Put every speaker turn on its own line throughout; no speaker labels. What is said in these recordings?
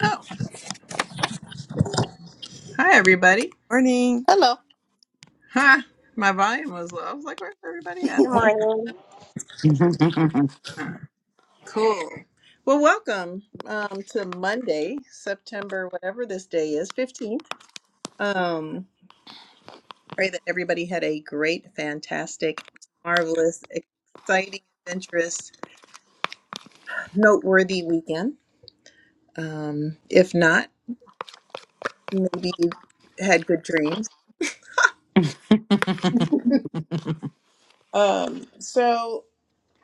Oh, hi everybody.
Morning.
Hello.
Huh. My volume was low. I was like, where's everybody at?
Good
Hello,
morning.
i
Huh. Cool. Well, welcome um, to Monday, September, whatever this day is, 15th. Um, pray that everybody had a great, fantastic, marvelous, exciting, adventurous, noteworthy weekend. Um, if not, maybe you had good dreams. Um, so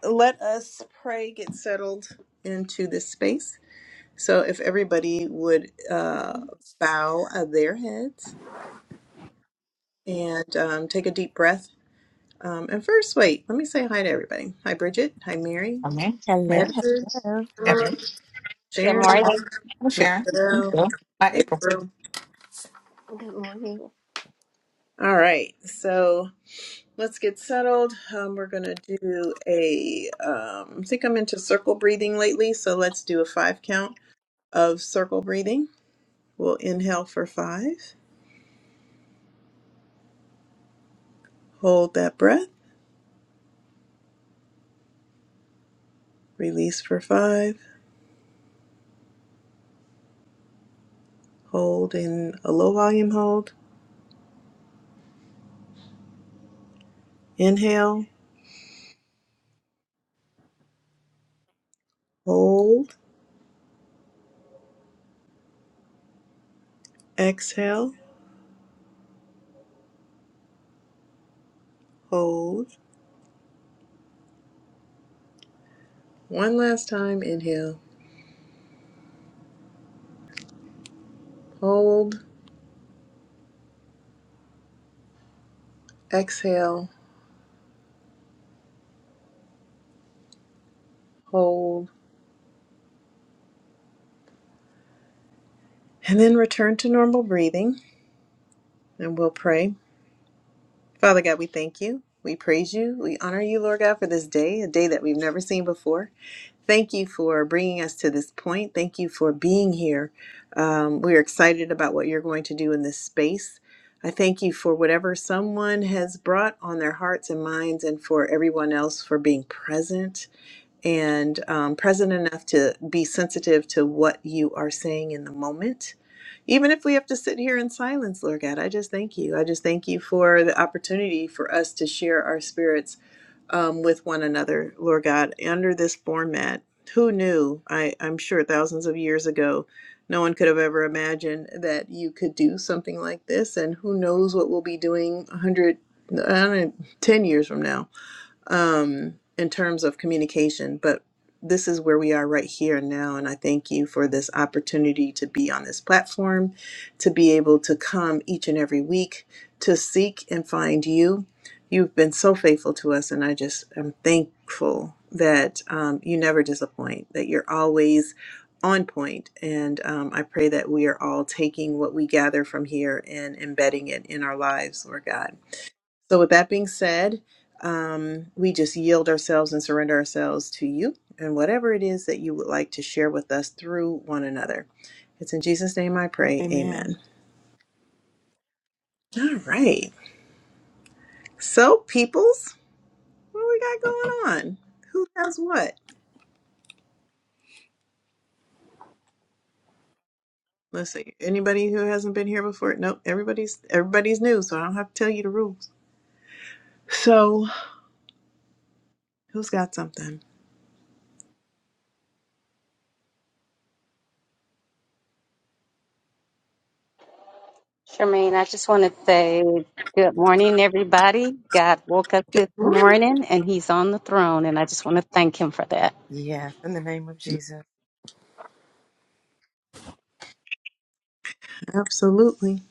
let us pray, get settled into this space. So if everybody would uh, bow uh, their heads and um, take a deep breath. Um, and first, wait, let me say hi to everybody. Hi, Bridget. Hi, Mary.
Okay. Mary.
Edward.
hello.
Hello.
Evan.
Good
Uh-huh.
Sharon.
morning.
I'm Sharon.
Michelle.
Hello. Hi, April.
April.
Good morning.
All right. So let's get settled. Um, we're going to do a, um, I think I'm into circle breathing lately. So let's do a five count of circle breathing. We'll inhale for five, hold that breath, release for five hold in a low volume hold. Inhale, hold, exhale, hold. One last time, inhale, hold, exhale, hold. And then return to normal breathing and we'll pray. Father God, we thank you. We praise you. We honor you, Lord God, for this day, a day that we've never seen before. Thank you for bringing us to this point. Thank you for being here. Um, we're excited about what you're going to do in this space. I thank you for whatever someone has brought on their hearts and minds, and for everyone else for being present and um, present enough to be sensitive to what you are saying in the moment. Even if we have to sit here in silence, Lord God, I just thank you. I just thank you for the opportunity for us to share our spirits um, with one another, Lord God, under this format. Who knew? I, I'm sure thousands of years ago, no one could have ever imagined that you could do something like this. And who knows what we'll be doing 100, I don't know, 10 years from now um, in terms of communication, but this is where we are right here and now. And I thank you for this opportunity to be on this platform, to be able to come each and every week to seek and find you. You've been so faithful to us, and I just am thankful that um, you never disappoint, that you're always on point. And um, I pray that we are all taking what we gather from here and embedding it in our lives, Lord God. So, with that being said, um, we just yield ourselves and surrender ourselves to you and whatever it is that you would like to share with us through one another. It's in Jesus' name I pray.
Amen.
Amen. All right. So, peoples, what we got going on? Who has what? Let's see. Anybody who hasn't been here before? Nope. Everybody's everybody's new, so I don't have to tell you the rules. So, who's got something?
Charmaine, I just want to say good morning, everybody. God woke up this morning and he's on the throne, and I just want to thank him for that.
Yes, in the name of Jesus.
Absolutely.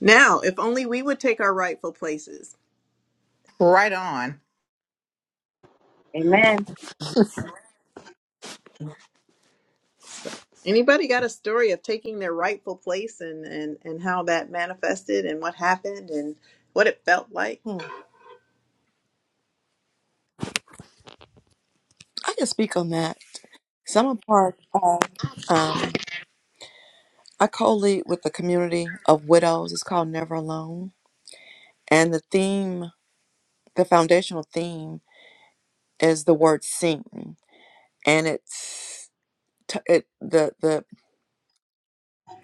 Now, if only we would take our rightful places.
Right on.
Amen.
Anybody got a story of taking their rightful place and, and, and how that manifested and what happened and what it felt like?
Hmm. I can speak on that. So I'm a part of, um, I co-lead with the community of widows. It's called Never Alone. And the theme, the foundational theme is the word sing. And it's, t- it, the, the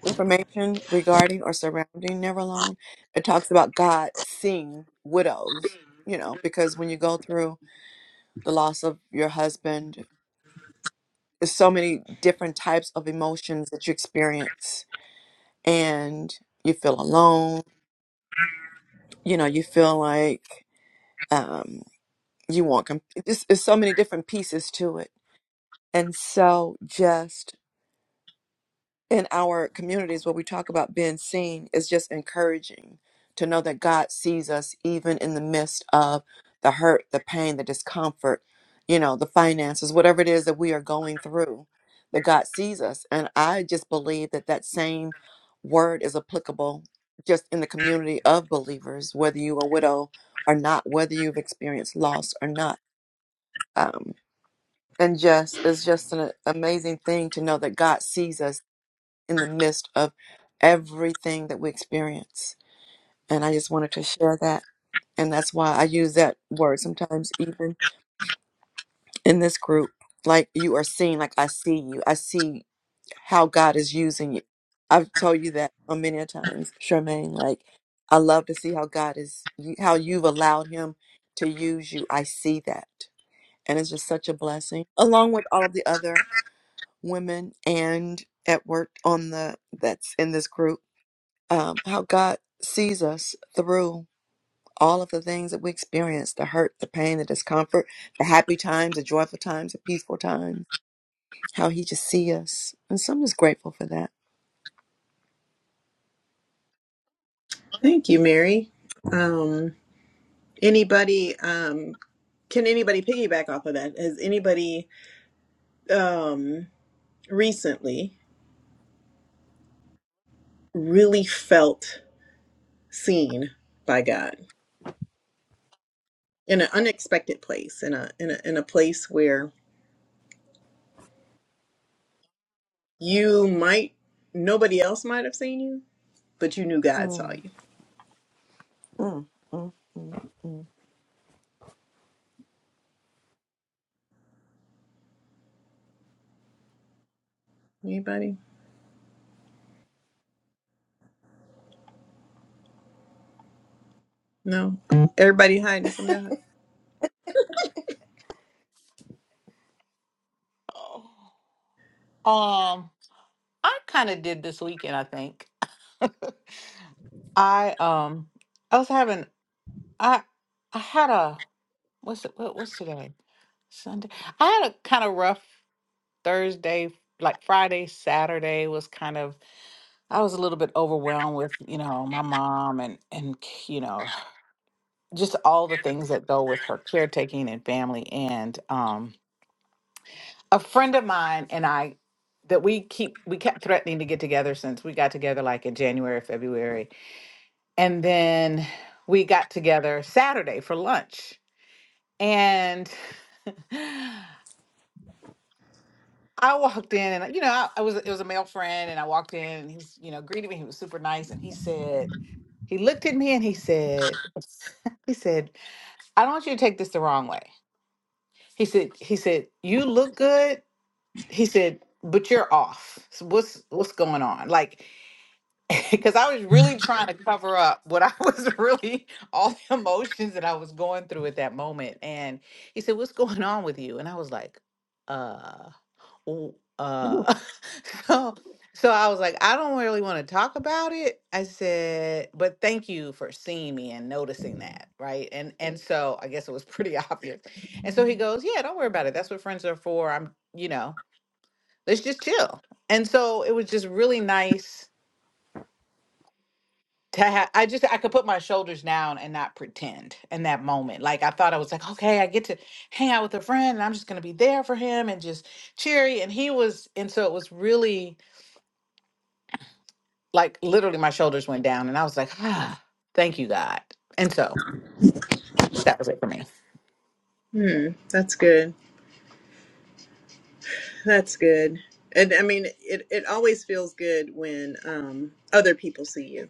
information regarding or surrounding Never Alone, it talks about God seeing widows, you know, because when you go through the loss of your husband There's so many different types of emotions that you experience, and you feel alone. You know, you feel like um, you want. Com- it's, it's so many different pieces to it, and so just in our communities where we talk about being seen is just encouraging to know that God sees us even in the midst of the hurt, the pain, the discomfort, you know, the finances, whatever it is that we are going through, that God sees us. And I just believe that that same word is applicable just in the community of believers, whether you are a widow or not, whether you've experienced loss or not. Um, and just, it's just an amazing thing to know that God sees us in the midst of everything that we experience. And I just wanted to share that. And that's why I use that word sometimes, even in this group. Like you are seen, like I see you. I see how God is using you. I've told you that on many a times, Charmaine. Like I love to see how God is, how you've allowed Him to use you. I see that, and it's just such a blessing. Along with all of the other women and at work on the that's in this group um, how God sees us through all of the things that we experience the hurt, the pain, the discomfort, the happy times, the joyful times, the peaceful times, how He just see us. And so I'm just grateful for that.
Thank you, Mary. Um, anybody, um, can anybody piggyback off of that? Has anybody um, recently really felt seen by God in an unexpected place, in a, in a, in a place where you might, nobody else might have seen you, but you knew God saw
Mm,
you?
mm, mm, mm, mm,
Anybody? No. Everybody hiding from God.
Um, I kind of did this weekend, I think. I um I was having I I had a what's it what, what's today? Sunday. I had a kind of rough Thursday, like Friday, Saturday was kind of I was a little bit overwhelmed with, you know, my mom and and you know, just all the things that go with her caretaking and family and um a friend of mine and I that we keep we kept threatening to get together since we got together like in January February and then we got together Saturday for lunch and I walked in and you know I, I was it was a male friend and I walked in and he's you know greeted me he was super nice and he said he looked at me and he said he said I don't want you to take this the wrong way he said he said you look good he said, "But you're off. So what's what's going on?" Like, because I was really trying to cover up what I was really all the emotions that I was going through at that moment. And he said, "What's going on with you?" And I was like, "Uh, w- uh." so, so I was like, "I don't really want to talk about it." I said, "But thank you for seeing me and noticing that, right?" And and so I guess it was pretty obvious. And so he goes, "Yeah, don't worry about it. That's what friends are for. I'm, you know." let's just chill. And so it was just really nice to have. I just I could put my shoulders down and not pretend in that moment. Like I thought I was like, okay, I get to hang out with a friend, and I'm just gonna be there for him and just cheery. And he was, and so it was really like literally my shoulders went down, and I was like, ah, thank you God. And so that was it for me.
Hmm. That's good. That's good. And I mean, it, it always feels good when um, other people see you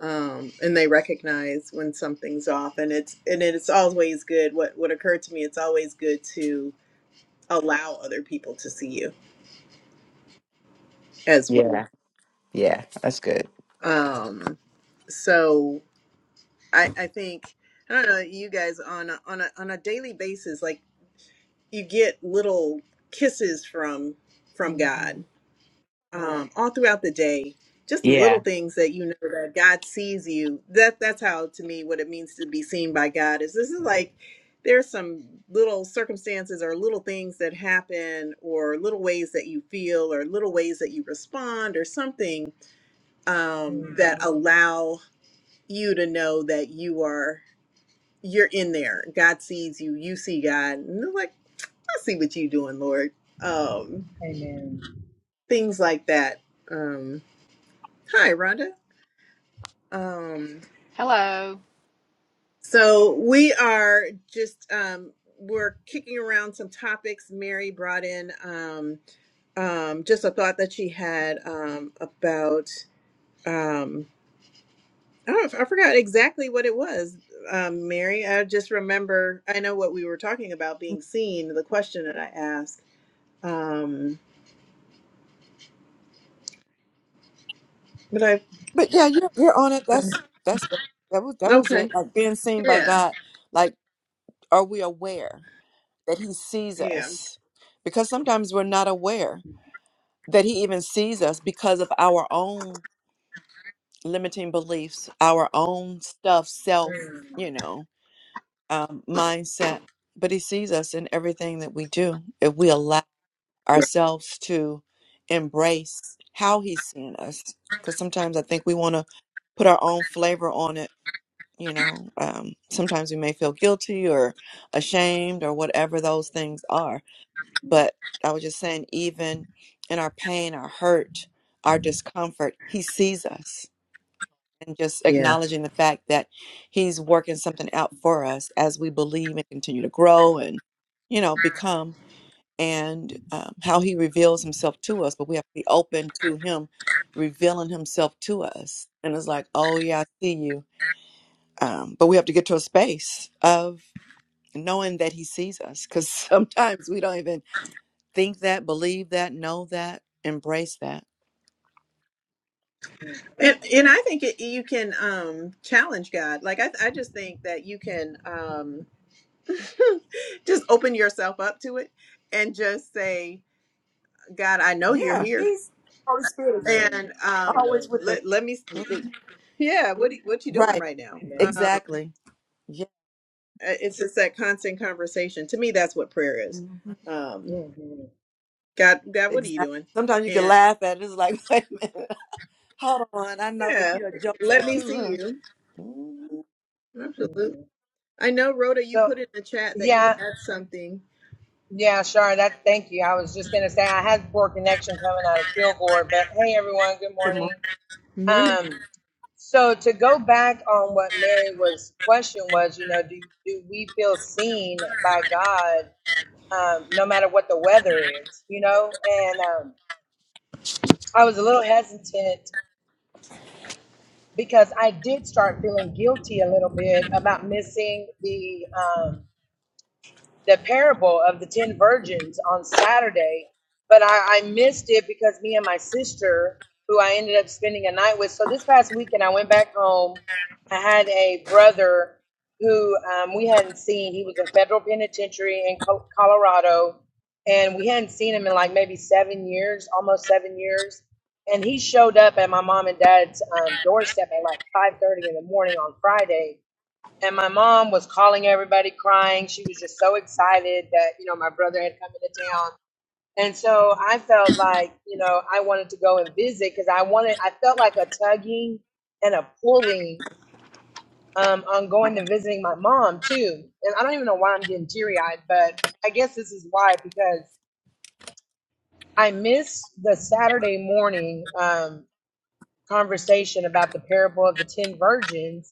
um, and they recognize when something's off. And it's and it's always good. What what occurred to me, it's always good to allow other people to see you as well.
Yeah, yeah, that's good.
Um, so I, I think I don't know you guys on a, on a on a daily basis, like you get little kisses from from
mm-hmm.
God um, all throughout the day just the little
Yeah,
things that you know that god sees you that that's how to me what it means to be seen by god is this is like there's some little circumstances or little things that happen or little ways that you feel or little ways that you respond or something um, that
Mhm.
allow you to know that you are you're in there god sees you you see god and they're like i see what you're doing lord um,
Amen.
things like that um, hi rhonda Um,
Hello.
so we are just um, we're kicking around some topics. Mary brought in um, um, just a thought that she had um, about um, I don't know, I forgot exactly what it was. Um, Mary, I just remember I know what we were talking about being seen. The question that I asked, um, but I
But yeah, you're, you're on it.
um,
That's that's that was that was
okay,
it. Like being seen by
yeah,
God. Like, are we aware that He sees
yeah.
us? Because sometimes we're not aware. that he even sees us because of our own limiting beliefs, our own stuff, self,
Mm.
you know, um, mindset. But he sees us in everything that we do if we allow ourselves to embrace how he's seeing us. Because sometimes I think we want to put our own flavor on it. You know, um, sometimes we may feel guilty or ashamed or whatever those things are but I was just saying, even in our pain, our hurt, our discomfort, He sees us. And just acknowledging the fact that He's working something out for us as we believe and continue to grow and, you know, become, and um, how He reveals Himself to us. But we have to be open to Him revealing Himself to us. And it's like, oh, yeah, I see you. Um, but we have to get to a space of knowing that He sees us because sometimes we don't even Think that, believe that, know that, embrace that.
Mhm.
And, and I think it, you can um, challenge God. Like I, I just think that you can um, just open yourself up to it and just say, God, I know you're
Yeah,
here,
he's Holy Spirit is
Amen.
and um,
always
Amen.
with us.
let let me.
Mhm.
Yeah, what you- what you doing
Right.
right now?
Amen.
Um,
Exactly. Yeah.
it's just that constant conversation. To me, that's what prayer is.
Mhm.
Um,
hmm
God, God, what are you
Exactly.
doing?
Sometimes you can
And
laugh at it. It's like, wait a minute. Hold on. I know that
yeah,
you're a
let
jokester
Yeah.
me
too,
see
huh?
you.
Mhm.
Absolutely.
hmm
I know, Rhoda, you
So,
put in the chat that you
yeah,
had something.
yeah, sure. That. Thank you. I was just gonna say I had poor connection coming out of Kilgore, but hey, everyone. Good
Good morning.
morning.
Morning.
Um. So to go back on what Mary was question was, you know, do do we feel seen by God, um, no matter what the weather is, you know? And um, I was a little hesitant because I did start feeling guilty a little bit about missing the um, the parable of the 10 virgins on Saturday, but I, I missed it because me and my sister, who I ended up spending a night with. So this past weekend, I went back home. I had a brother who um, we hadn't seen. He was in federal penitentiary in Co- Colorado, and we hadn't seen him in like maybe seven years, almost seven years. And he showed up at my mom and dad's um, doorstep at like 5:30 in the morning on Friday and my mom was calling everybody crying she was just so excited that you know my brother had come into town and so i felt like you know i wanted to go and visit because i wanted i felt like a tugging and a pulling um, on going to visiting my mom too and i don't even know why i'm getting teary eyed but i guess this is why because i missed the saturday morning um, conversation about the parable of the ten virgins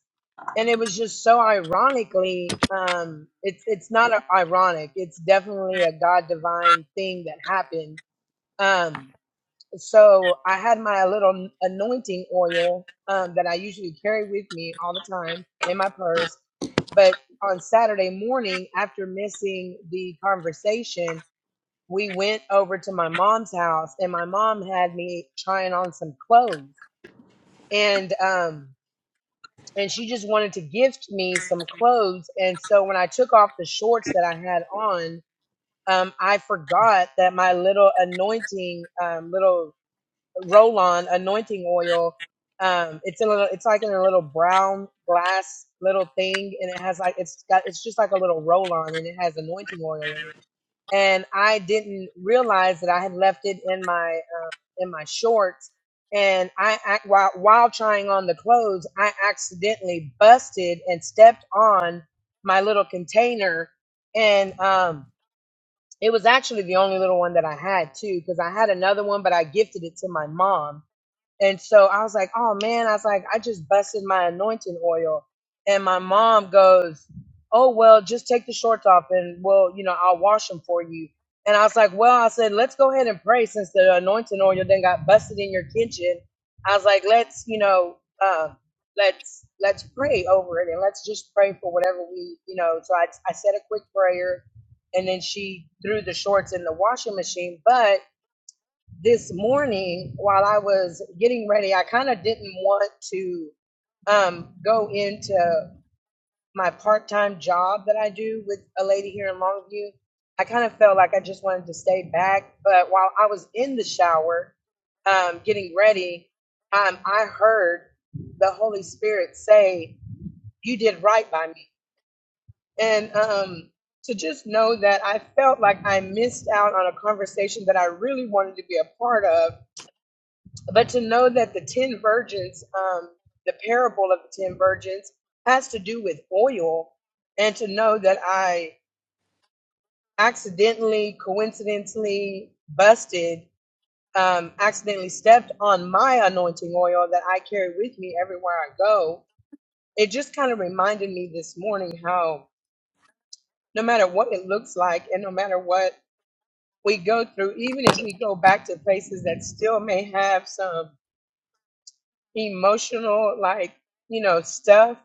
and it was just so ironically um it's it's not a, ironic it's definitely a god divine thing that happened um so i had my little anointing oil um that i usually carry with me all the time in my purse but on saturday morning after missing the conversation we went over to my mom's house and my mom had me trying on some clothes and um and she just wanted to gift me some clothes. And so when I took off the shorts that I had on, um, I forgot that my little anointing, um, little roll-on anointing oil. Um, it's a little, it's like in a little brown glass little thing, and it has like it's got it's just like a little roll-on, and it has anointing oil in it and I didn't realize that I had left it in my uh, in my shorts. And I ac- while while trying on the clothes, I accidentally busted and stepped on my little container, and um, it was actually the only little one that I had too, because I had another one, but I gifted it to my mom and so I was like, oh man, I was like, I just busted my anointing oil. And my mom goes, oh, well, just take the shorts off and, well, you know, I'll wash them for you. And I was like, well, I said, let's go ahead and pray since the anointing oil then got busted in your kitchen. I was like, let's, you know, uh, let's let's pray over it and let's just pray for whatever we, you know. So I, I said a quick prayer, and then she threw the shorts in the washing machine. But this morning while I was getting ready, I kind of didn't want to um, go into my part time job that I do with a lady here in Longview. I kind of felt like I just wanted to stay back. But while I was in the shower um, getting ready, um, I heard the Holy Spirit say, You did right by me. And um, to just know that I felt like I missed out on a conversation that I really wanted to be a part of but to know that the 10 virgins, um, the parable of the 10 virgins, has to do with oil, and to know that I accidentally, coincidentally busted, um, accidentally stepped on my anointing oil that I carry with me everywhere I go, it just kind of reminded me this morning how no matter what it looks like and no matter what we go through, even if we go back to places that still may have some emotional, like, you know, stuff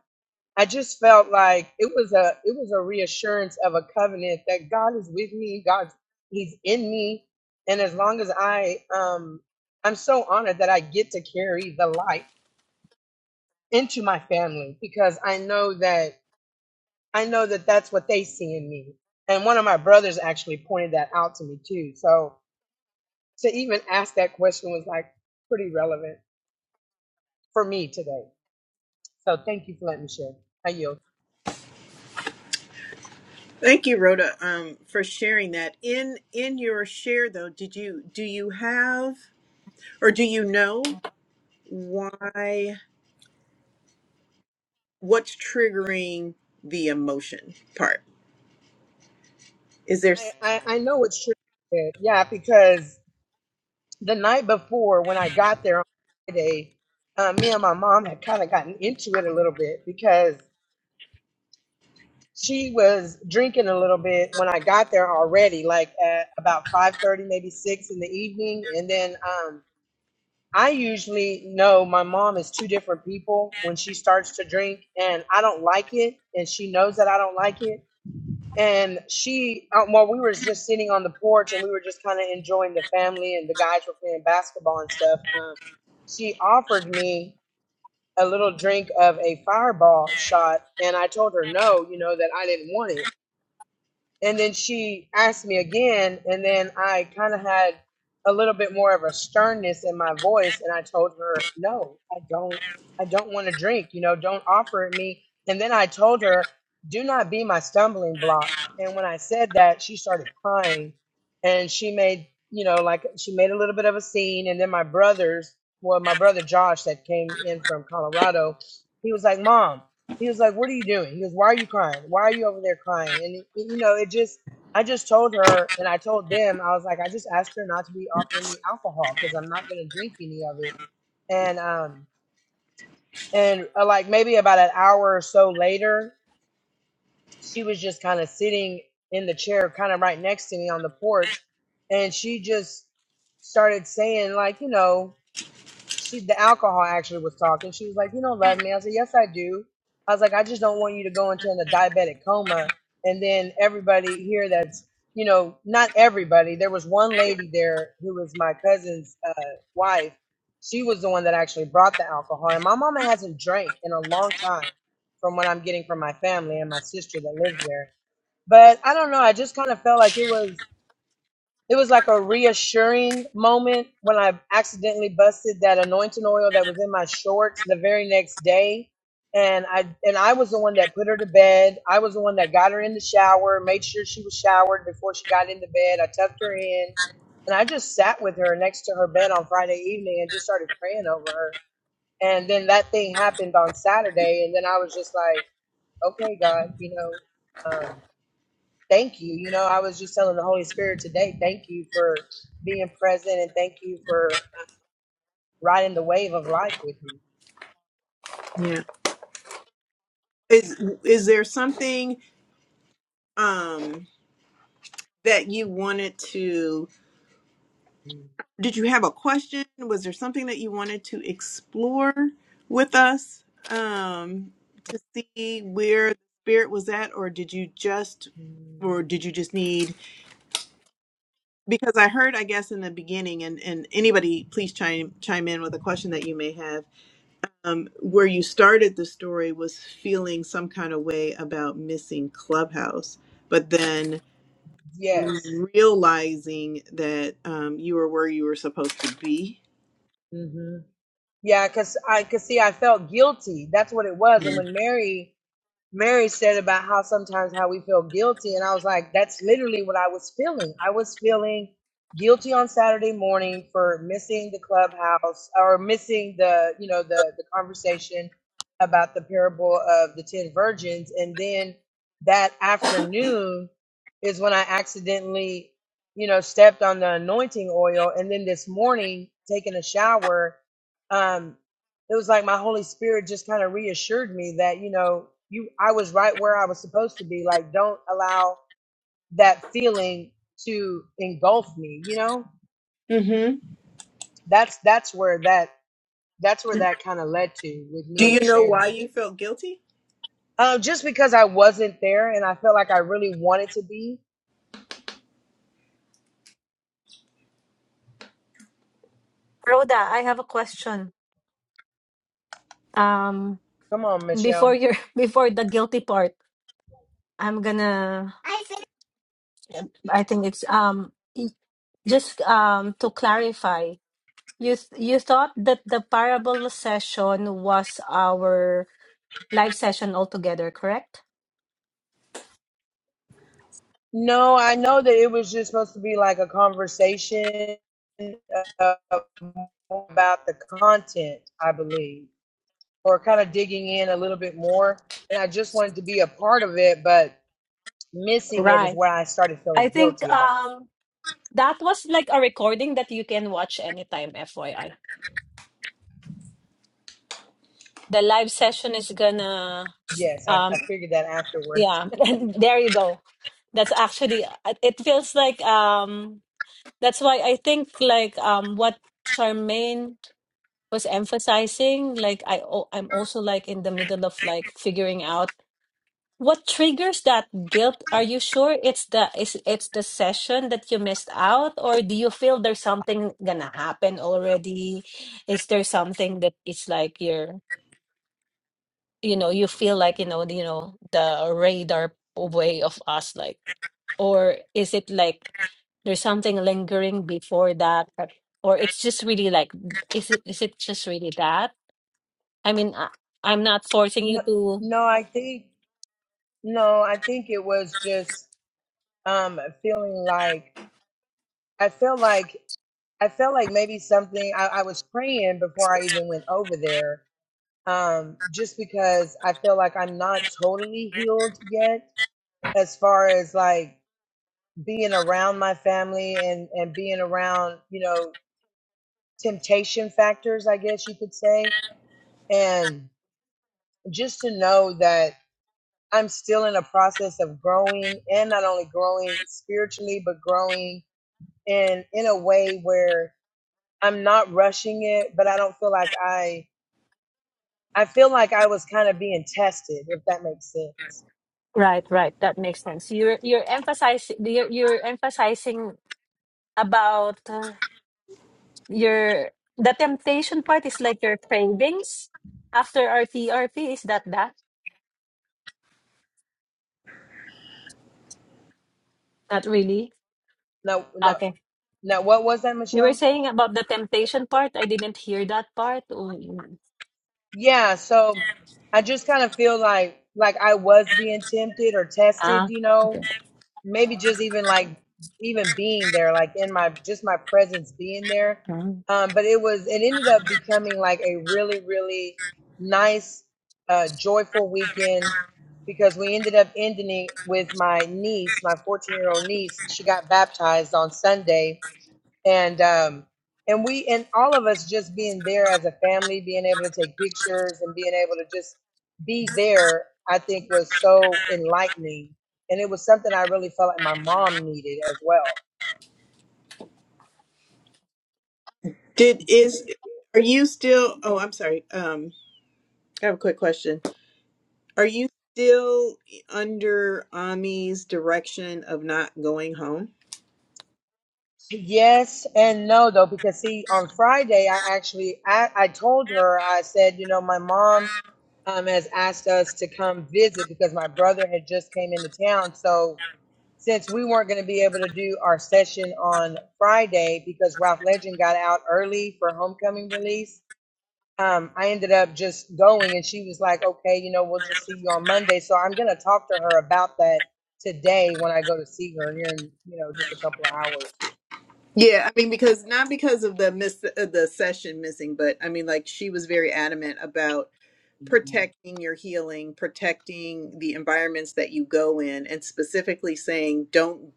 I just felt like it was a it was a reassurance of a covenant that God is with me, God, He's in me, and as long as I um I'm so honored that I get to carry the light into my family because I know that I know that that's what they see in me. And one of my brothers actually pointed that out to me too. So to even ask that question was like pretty relevant for me today. So thank you for letting me share. I yield.
Thank you, Rhoda, um, for sharing that. In in your share, though, did you do you have or do you know why what's triggering the emotion part? Is there
I
s-
I, I know it's true. Yeah, because the night before when I got there on Friday, uh, me and my mom had kind of gotten into it a little bit because she was drinking a little bit when I got there already, like at about five thirty, maybe six in the evening. And then um, I usually know my mom is two different people when she starts to drink, and I don't like it, and she knows that I don't like it and she uh, while we were just sitting on the porch and we were just kind of enjoying the family and the guys were playing basketball and stuff um, she offered me a little drink of a fireball shot and i told her no you know that i didn't want it and then she asked me again and then i kind of had a little bit more of a sternness in my voice and i told her no i don't i don't want to drink you know don't offer it me and then i told her do not be my stumbling block and when i said that she started crying and she made you know like she made a little bit of a scene and then my brothers well my brother josh that came in from colorado he was like mom he was like, "What are you doing?" He goes, "Why are you crying? Why are you over there crying?" And it- you know, it just I just told her and I told them I was like, I just asked her not to be offering me alcohol because I'm not going to drink any of it. And um and uh, like maybe about an hour or so later, she was just kind of sitting in the chair, kind of right next to me on the porch, and she just started saying like, you know she the alcohol actually was talking. She was like, "You don't love me." I said, "Yes, I do." I was like, "I just don't want you to go into a diabetic coma." And then everybody here that's you know not everybody. There was one lady there who was my cousin's uh, wife. She was the one that actually brought the alcohol, and my mama hasn't drank in a long time, from what I'm getting from my family and my sister that lives there. But I don't know. I just kind of felt like it was. It was like a reassuring moment when I accidentally busted that anointing oil that was in my shorts the very next day. And I and I was the one that put her to bed. I was the one that got her in the shower, made sure she was showered before she got into bed. I tucked her in. And I just sat with her next to her bed on Friday evening and just started praying over her. And then that thing happened on Saturday and then I was just like, Okay, God, you know, um, thank you. You know, I was just telling the Holy Spirit today, thank you for being present and thank you for uh, riding the wave of life with
yeah is is there something um, that you wanted to
me.
did you have a question? Was there something that you wanted to explore with us um, to see where the spirit was at, or did you just,
Mhm.
or did you just need? Because I heard, I guess, in the beginning, and and anybody, please chime chime in with a question that you may have. Um, where you started the story was feeling some kind of way about missing Clubhouse, but then
Yes.
realizing that um, you were where you were supposed to be.
hmm Yeah, because I could see I felt guilty. That's what it was. And when Mary Mary said about how sometimes how we feel guilty, and I was like, that's literally what I was feeling. I was feeling guilty on Saturday morning for missing the clubhouse or missing the you know the the conversation about the parable of the ten virgins, and then that afternoon is when I accidentally you know stepped on the anointing oil, and then this morning taking a shower. Um, it was like my Holy Spirit just kind of reassured me that, you know, you I was right where I was supposed to be. Like, don't allow that feeling to engulf me, you know?
Mm-hmm.
That's that's where that that's where
Do
that kind of led to with me
you know why
sharing.
you felt guilty?
Uh, just because I wasn't there and I felt like I really wanted to be.
Rhoda, I have a question. Um,
Come on,
before
Michelle.
your before the guilty part, I'm gonna. I think. I think it's um y- just um to clarify. You th- you thought that the parable session was our live session altogether, correct?
No, I know that it was just supposed to be like a conversation uh, about the content, I believe. or kind of digging in a little bit more. And I just wanted to be a part of it, but missing it is
Right.
what I started
I
feeling
think
guilty about.
um that was like a recording that you can watch anytime. FYI, the live session is gonna
Yes, I,
um.
I figured that afterwards.
Yeah, and there you go. That's actually uh, it feels like um that's why I think like um what Charmaine was emphasizing like I o- I'm also like in the middle of like figuring out what triggers that guilt. Are you sure it's the it's it's the session that you missed out or do you feel there's something gonna happen already? Is there something that it's like you're you know you feel like you know you know the radar way of us like Or is it like there's something lingering before that? Or or it's just really like, is it is it just really that? I mean, I, I'm not forcing you
No,
to.
no, I think no, I think it was just um feeling like I felt like I felt like maybe something I, I was praying before I even went over there. Um, just because I feel like I'm not totally healed yet as far as like being around my family and and being around you know temptation factors i guess you could say and just to know that i'm still in a process of growing and not only growing spiritually but growing in in a way where i'm not rushing it but i don't feel like i i feel like i was kind of being tested if that makes sense
Right, right. That makes sense. You're you're emphasizing you're, you're emphasizing about uh, your the temptation part is like your cravings after RTRP. Is that that? Not really.
now now
Okay.
now what was that
You were
michelle
saying about the temptation part. I didn't hear that part. Oh, mm.
Yeah, so I just kind of feel like like I was being tempted or tested,
Ah,
you know,
okay.
maybe just even like even being there, like in my just my presence being there.
Ah.
Um, but it was it ended up becoming like a really, really nice, uh, joyful weekend because we ended up ending it with my niece, my 14 year old niece. She got baptized on Sunday and um and we and all of us just being there as a family being able to take pictures and being able to just be there i think was so enlightening and it was something i really felt like my mom needed as well
Did is are you still oh I'm sorry. Um I have a quick question. Are you still under Ami's direction of not going home?
Yes and no, though, because see, on Friday, I actually I, I told her I said, you know, my mom um, has asked us to come visit because my brother had just came into town. So since we weren't going to be able to do our session on Friday because Ralph Legend got out early for homecoming release, um, I ended up just going, and she was like, okay, you know, we'll just see you on Monday. So I'm going to talk to her about that today when I go to see her here in you know just a couple of hours.
Yeah, I mean because not because of the miss uh, the session missing, but I mean like she was very adamant about protecting your healing, protecting the environments that you go in, and specifically saying, don't,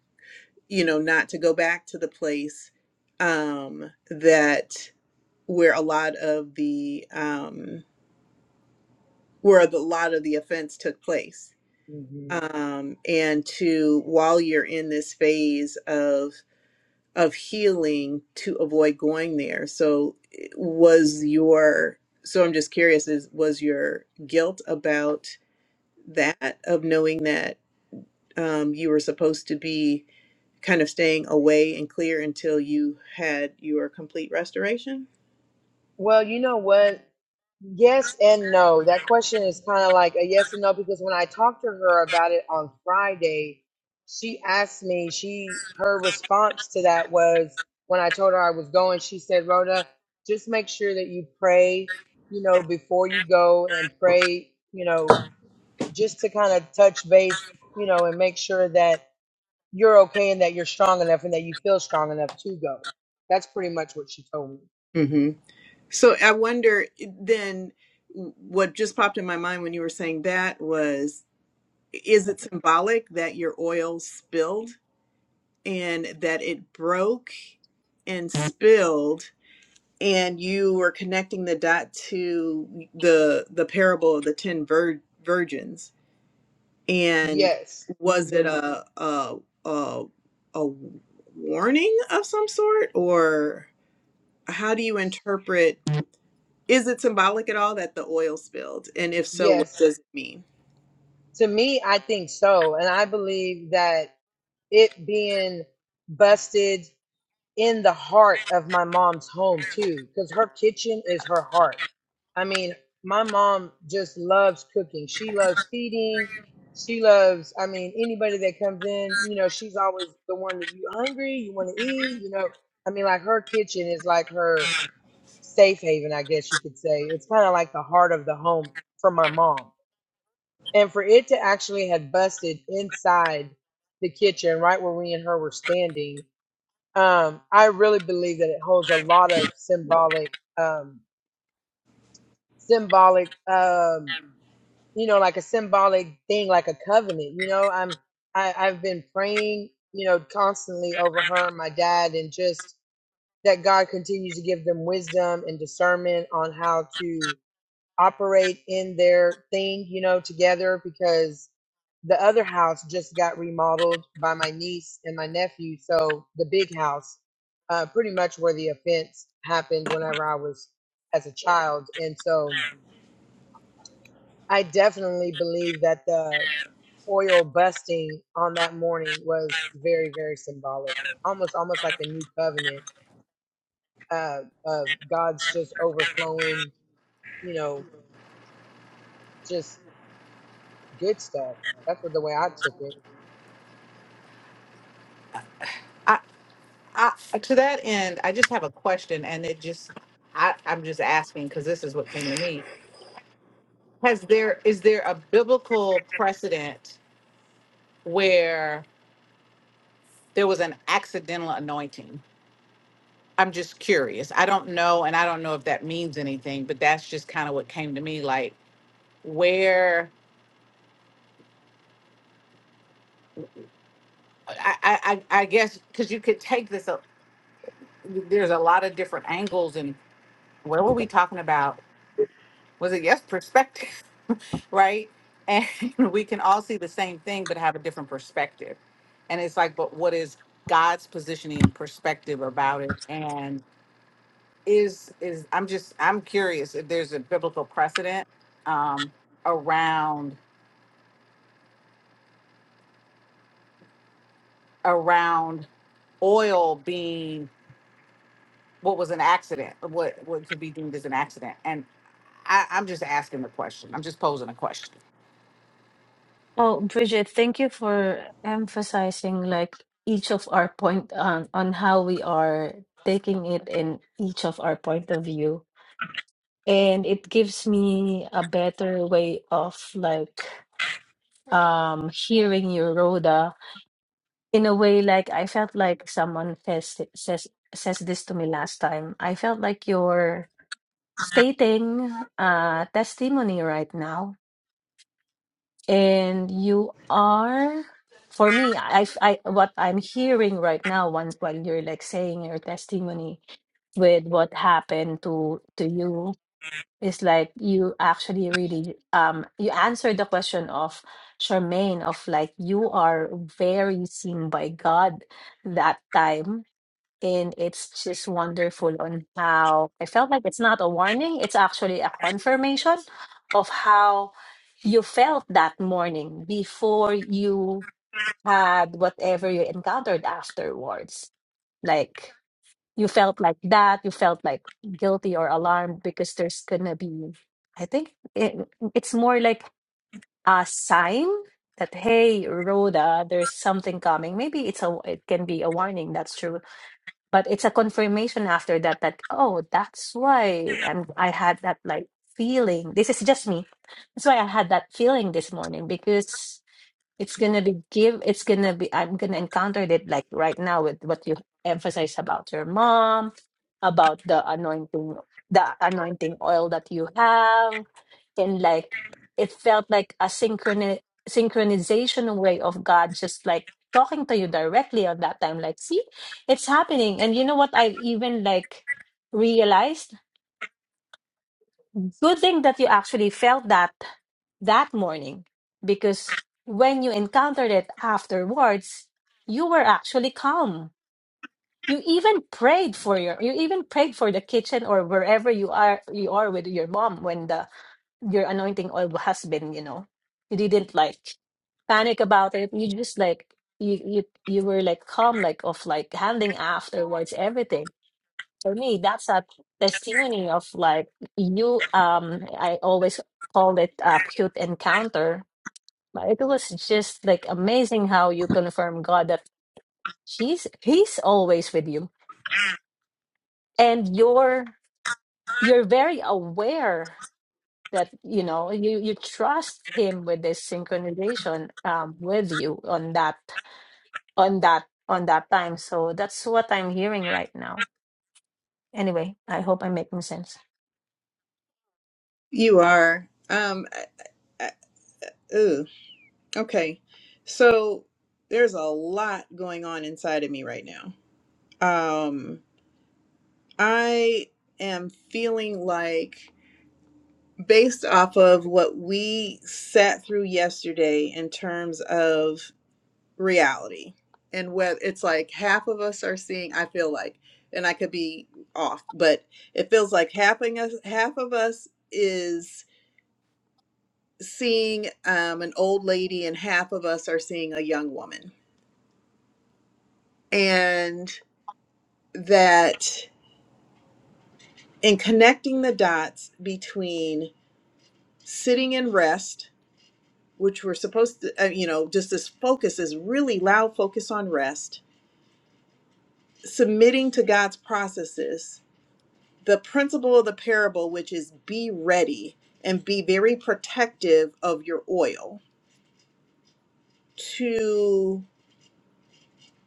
you know, not to go back to the place um, that where a lot of the um, where the, a lot of the offense took place,
Mhm.
um, and to while you're in this phase of of healing, to avoid going there. So, eh, was your so I'm just curious is was your guilt about that of knowing that um, you were supposed to be kind of staying away and clear until you had your complete restoration.
Well, you know what? Yes and no. That question is kind of like a yes and no because when I talked to her about it on Friday, she asked me, she her response to that was when I told her I was going, she said, "Rhoda, just make sure that you pray, you know, before you go and pray, you know, just to kind of touch base, you know, and make sure that you're okay and that you're strong enough and that you feel strong enough to go." That's pretty much what she told me.
hmm So I wonder eh, then what just popped in my mind when you were saying that was is it symbolic that your oil spilled and that it broke and spilled and you were connecting the dot to the the parable of the ten vir- virgins and
Yes.
was it
hmm
a a a, a warning of some sort or how do you interpret is it symbolic at all that the oil spilled and if so what
Yes.
does it mean
To me, I think so. And I believe that it being busted in the heart of my mom's home, too, because her kitchen is her heart. I mean, my mom just loves cooking. She loves feeding. She loves, I mean, anybody that comes in, you know, she's always the one that you hungry, you want to eat, you know. I mean, like her kitchen is like her safe haven, I guess you could say. It's kind of like the heart of the home for my mom and for it to actually had busted inside the kitchen right where we and her were standing um i really believe that it holds a lot of symbolic um symbolic um you know like a symbolic thing like a covenant you know i'm i i've been praying you know constantly over her and my dad and just that god continues to give them wisdom and discernment on how to operate in their thing you know together because the other house just got remodeled by my niece and my nephew. So the big house, uh, pretty much where the offense happened whenever I was as a child. And so I definitely believe that the oil busting on that morning was very, very symbolic, almost, almost like a new covenant, uh, of God's just overflowing, you know, just good stuff. That's what the way I took it.
I, I uh, to that end, I just have a question, and it just I I'm just asking because this is what came to me has there is there a biblical precedent where there was an accidental anointing i'm just curious i don't know and i don't know if that means anything but that's just kind of what came to me like where i i, I I guess because you could take this up there's a lot of different angles and what were we talking about was it yes perspective right? And we can all see the same thing, but have a different perspective. And it's like, but what is God's positioning perspective about it? And is is I'm just I'm curious if there's a biblical precedent um, around around oil being what was an accident, what what could be deemed as an accident. And I, I'm just asking the question. I'm just posing a question.
Oh, Bridget, thank you for emphasizing like each of our point on, on how we are taking it in each of our point of view. And it gives me a better way of like um hearing you, Rhoda, in a way like I felt like someone says says says this to me last time. I felt like you're stating a testimony right now and you are for me I, I what i'm hearing right now once while you're like saying your testimony with what happened to to you is like you actually really um you answered the question of Charmaine of like you are very seen by God that time and it's just wonderful on how I felt like it's not a warning, it's actually a confirmation of how you felt that morning before you had whatever you encountered afterwards. Like you felt like that, you felt like guilty or alarmed because there's gonna be, I think it, it's more like a sign that, hey, Rhoda, there's something coming. Maybe it's a, it can be a warning. That's true but it's a confirmation after that that oh that's why I'm, i had that like feeling this is just me that's why i had that feeling this morning because it's gonna be give. It's gonna be. I'm gonna encounter it like right now with what you emphasize about your mom, about the anointing, the anointing oil that you have, and like it felt like a synchroni- synchronization way of God, just like talking to you directly on that time. Like, see, it's happening. And you know what? I even like realized. Good thing that you actually felt that that morning because when you encountered it afterwards, you were actually calm. You even prayed for your you even prayed for the kitchen or wherever you are you are with your mom when the your anointing oil has been, you know. You didn't like panic about it. You just like you you you were like calm like of like handling afterwards everything. For me, that's a testimony of like you um I always call it a cute encounter but it was just like amazing how you confirm God that she's he's always with you and you're you're very aware that you know you you trust him with this synchronization um with you on that on that on that time so that's what i'm hearing right now anyway i hope i'm making sense
You are. Um. I, I, ooh. Okay. So there's a lot going on inside of me right now. Um. I am feeling like, based off of what we sat through yesterday in terms of reality, and whether it's like half of us are seeing, I feel like, and I could be off, but it feels like half of us, half of us is seeing um, an old lady and half of us are seeing a young woman. And that in connecting the dots between sitting in rest, which we're supposed to, uh, you know, just this focus is really loud focus on rest, submitting to God's processes, the principle of the parable, which is be ready and be very protective of your oil, to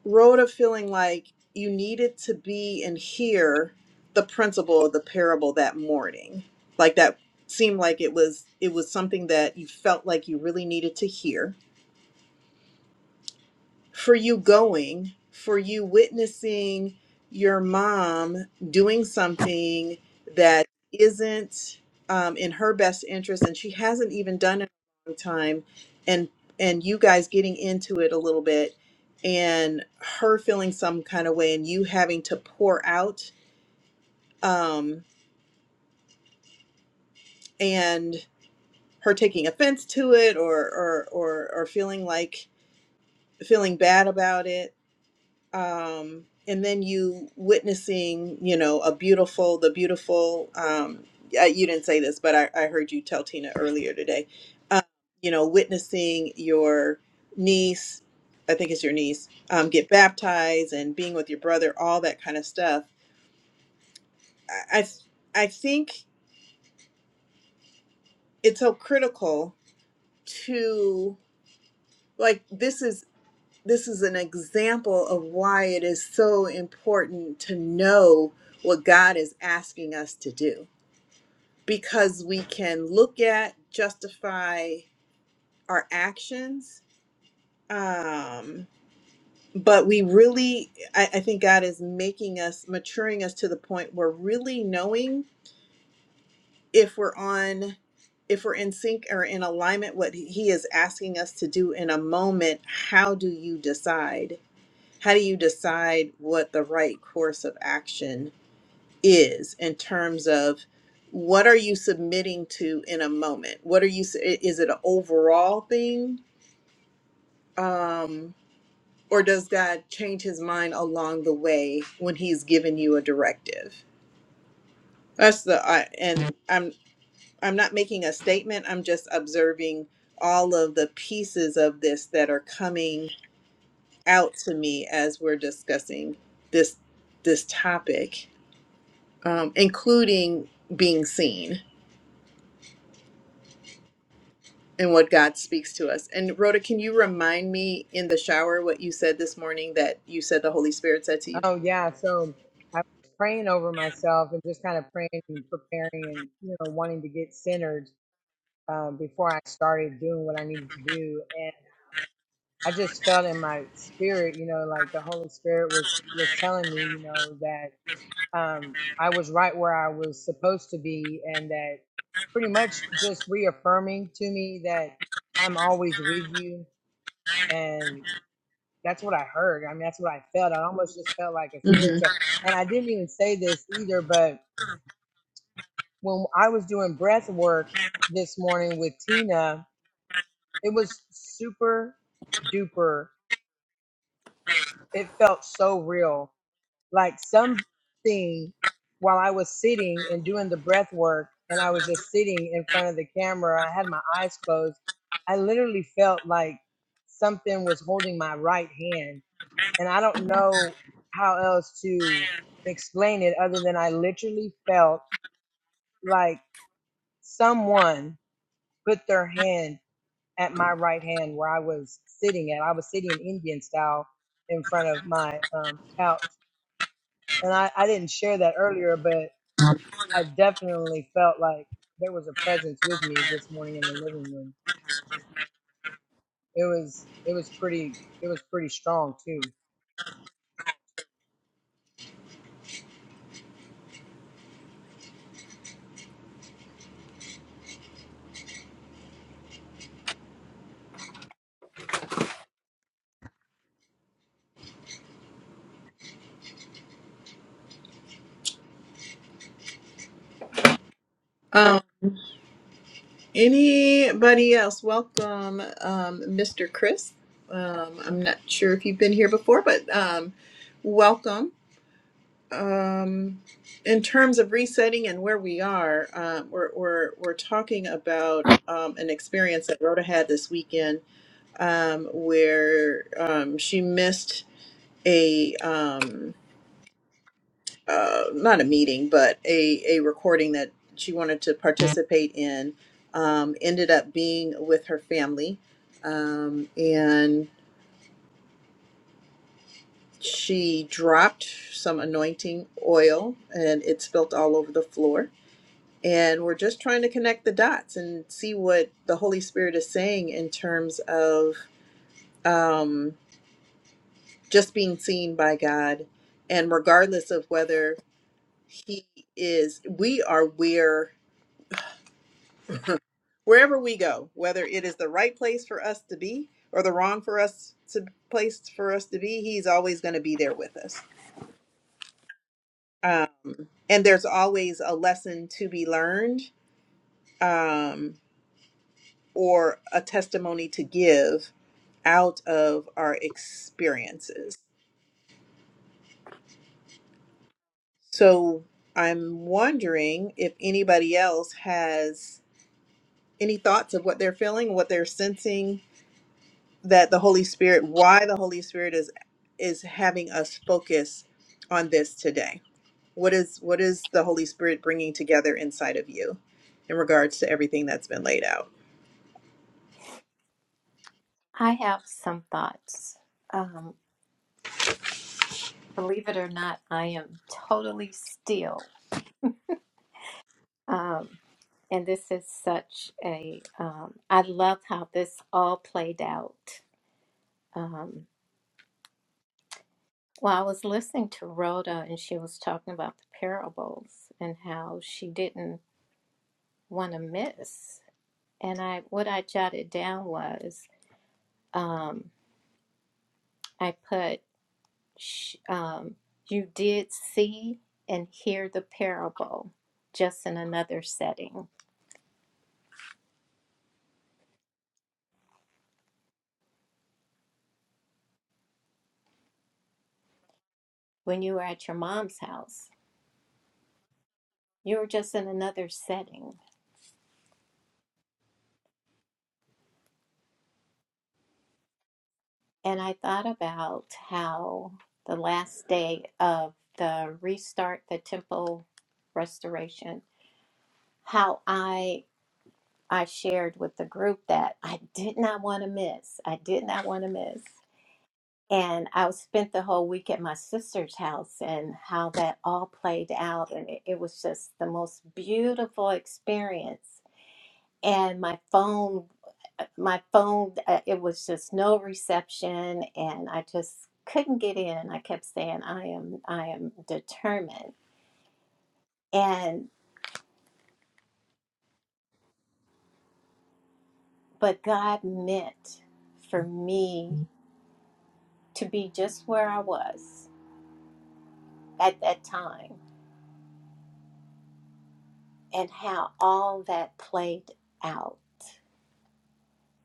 road of feeling like you needed to be and hear the principle of the parable that morning like that seemed like it was it was something that you felt like you really needed to hear for you going, for you witnessing your mom doing something that isn't um, in her best interest and she hasn't even done it in a long time and and you guys getting into it a little bit and her feeling some kind of way and you having to pour out um, and her taking offense to it or or or, or feeling like feeling bad about it um, and then you witnessing, you know, a beautiful, the beautiful. Um, uh, you didn't say this, but I, I heard you tell Tina earlier today. Um, you know, witnessing your niece, I think it's your niece, um, get baptized and being with your brother, all that kind of stuff. I I, I think it's so critical to like this is. this is an example of why it is so important to know what God is asking us to do because we can look at justify our actions um but we really I, I think God is making us maturing us to the point where really knowing if we're on if we're in sync or in alignment what he he is asking us to do in a moment how do you decide how do you decide what the right course of action is in terms of what are you submitting to in a moment what are you s- i- is it an overall thing um or does god change his mind along the way when he's given you a directive that's the I, and i'm i'm not making a statement i'm just observing all of the pieces of this that are coming out to me as we're discussing this this topic um, including being seen and what God speaks to us. And Rhoda, can you remind me in the shower what you said this morning that you said the Holy Spirit said to you?
Oh yeah, so I was praying over myself and just kind of praying and preparing and you know wanting to get centered um, before I started doing what I needed to do, and I just felt in my spirit, you know, like the Holy Spirit was was telling me, you know, that um, I was right where I was supposed to be, and that pretty much just reaffirming to me that I'm always with you that's what I heard. I mean, that's what I felt. I almost just felt like a spiritual. And I didn't even say this either, but when I was doing breath work this morning with Tina, it was super duper. It felt so real. Like something while I was sitting and doing the breath work, and I was just sitting in front of the camera, I had my eyes closed. I literally felt like something was holding my right hand and I don't know how else to explain it other than I literally felt like someone put their hand at my right hand where I was sitting at. I was sitting in Indian style in front of my um, couch. And I, I didn't share that earlier, but I definitely felt like there was a presence with me this morning in the living room. It was it was pretty it was pretty strong too.
hmm Anybody else? Welcome, um, Mr. Chris. Um, I'm not sure if you've been here before, but um, welcome. Um, in terms of resetting and where we are, uh, we're, we're, we're talking about um, an experience that Rhoda had this weekend um, where um, she missed a. Um, uh, not a meeting, but a, a recording that she wanted to participate in. Um, ended up being with her family, um, and she dropped some anointing oil, and it spilt all over the floor. And we're just trying to connect the dots and see what the Holy Spirit is saying in terms of um, just being seen by God, and regardless of whether He is, we are where wherever we go, whether it is the right place for us to be or the wrong for us to place for us to be, he's always going to be there with us. Um, and there's always a lesson to be learned um, or a testimony to give out of our experiences. So I'm wondering if anybody else has any thoughts of what they're feeling, what they're sensing, that the Holy Spirit, why the Holy Spirit is is having us focus on this today. What is what is the Holy Spirit bringing together inside of you in regards to everything that's been laid out?
I have some thoughts. Um, believe it or not, I am totally still. Um, and this is such a, um, I love how this all played out. Um, well, I was listening to Rhoda and she was talking about the parables and how she didn't want to miss. And I, what I jotted down was, um, I put sh- um, you did see and hear the parable just in another setting. When you were at your mom's house, you were just in another setting. And I thought about how the last day of the restart, the temple restoration, how I I shared with the group that I did not want to miss. I did not want to miss. and I spent the whole week at my sister's house and how that all played out. And it, it was just the most beautiful experience. And my phone, uh, my phone, uh, it was just no reception. And I just couldn't get in. I kept saying, I am, I am determined. And, but God meant for me to be just where I was at that time and how all that played out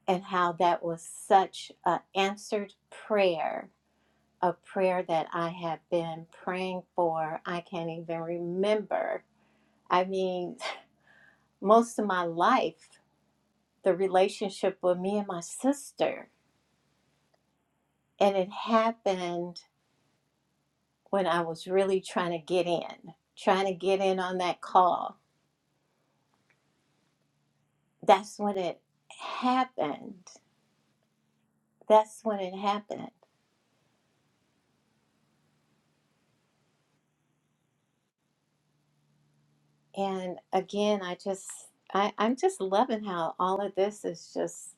and how that was such an answered prayer, a prayer that I have been praying for. I can't even remember. I mean, most of my life, the relationship with me and my sister. And it happened when I was really trying to get in, trying to get in on that call. That's when it happened. That's when it happened. And again, I just, I, I'm just loving how all of this is just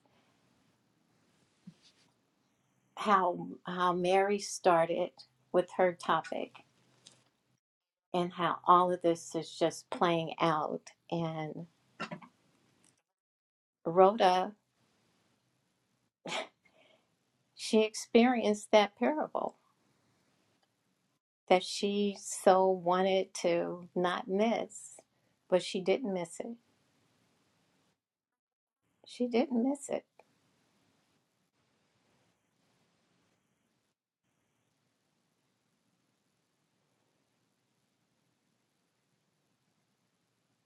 how how Mary started with her topic and how all of this is just playing out and Rhoda she experienced that parable that she so wanted to not miss but she didn't miss it she didn't miss it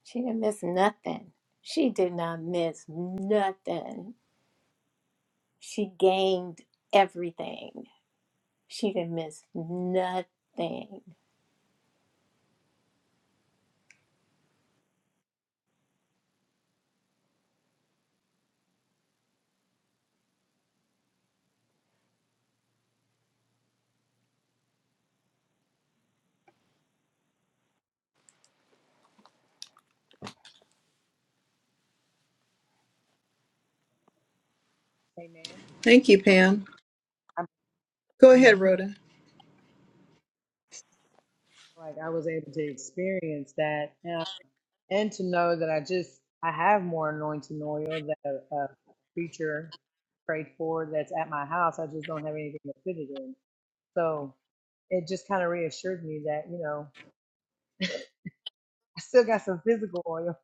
she didn't miss nothing she did not miss nothing she gained everything she didn't miss nothing
Amen.
Thank you, Pam.
I'm,
Go ahead,
hmm
Rhoda.
Like I was able to experience that. and to know that I just I have more anointing oil that a, a preacher prayed for that's at my house. I just don't have anything to put it in. So it just kind of reassured me that you know I still got some physical oil,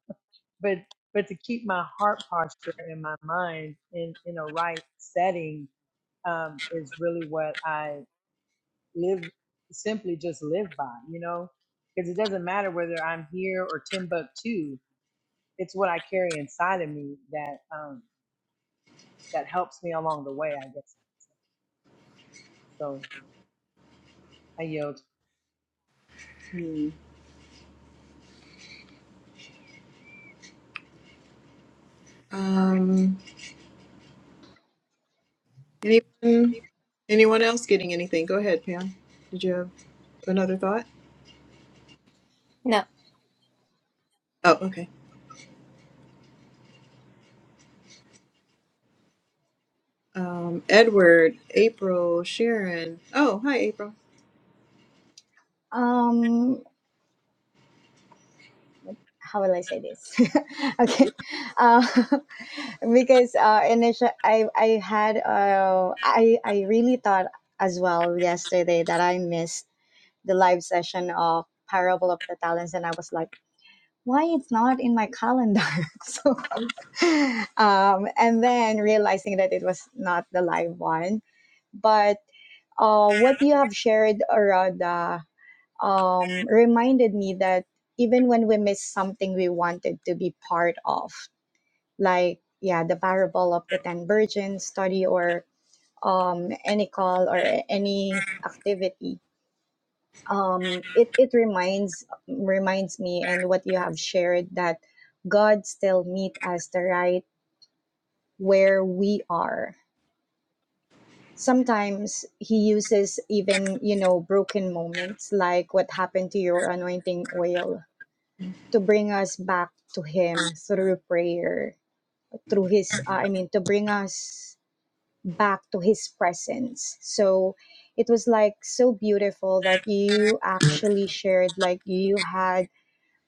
but but to keep my heart posture and my mind in in a right setting um, is really what I live simply just live by. You know, because it doesn't matter whether I'm here or Timbuktu. It's what I carry inside of me that um, that helps me along the way, I guess. So I yield.
Hmm. Um, anyone, anyone else getting anything? Go ahead, Pam. Did you have another thought?
no
Oh, okay. Um, Edward, April, Sharon. Oh, hi, April.
um how will i say this okay uh, because uh initial i i had uh i i really thought as well yesterday that i missed the live session of parable of the talents and i was like why it's not in my calendar so um and then realizing that it was not the live one but uh, what you have shared, Arada, um, reminded me that even when we miss something we wanted to be part of, like, yeah, the parable of the 10 virgins study or um, any call or a- any activity, um, it, it reminds, reminds me and what you have shared that God still meet us the right where we are. Sometimes he uses even, you know, broken moments like what happened to your anointing oil to bring us back to Him through prayer, through His, uh, I mean, to bring us back to His presence. So it was like so beautiful that you actually shared, like, you had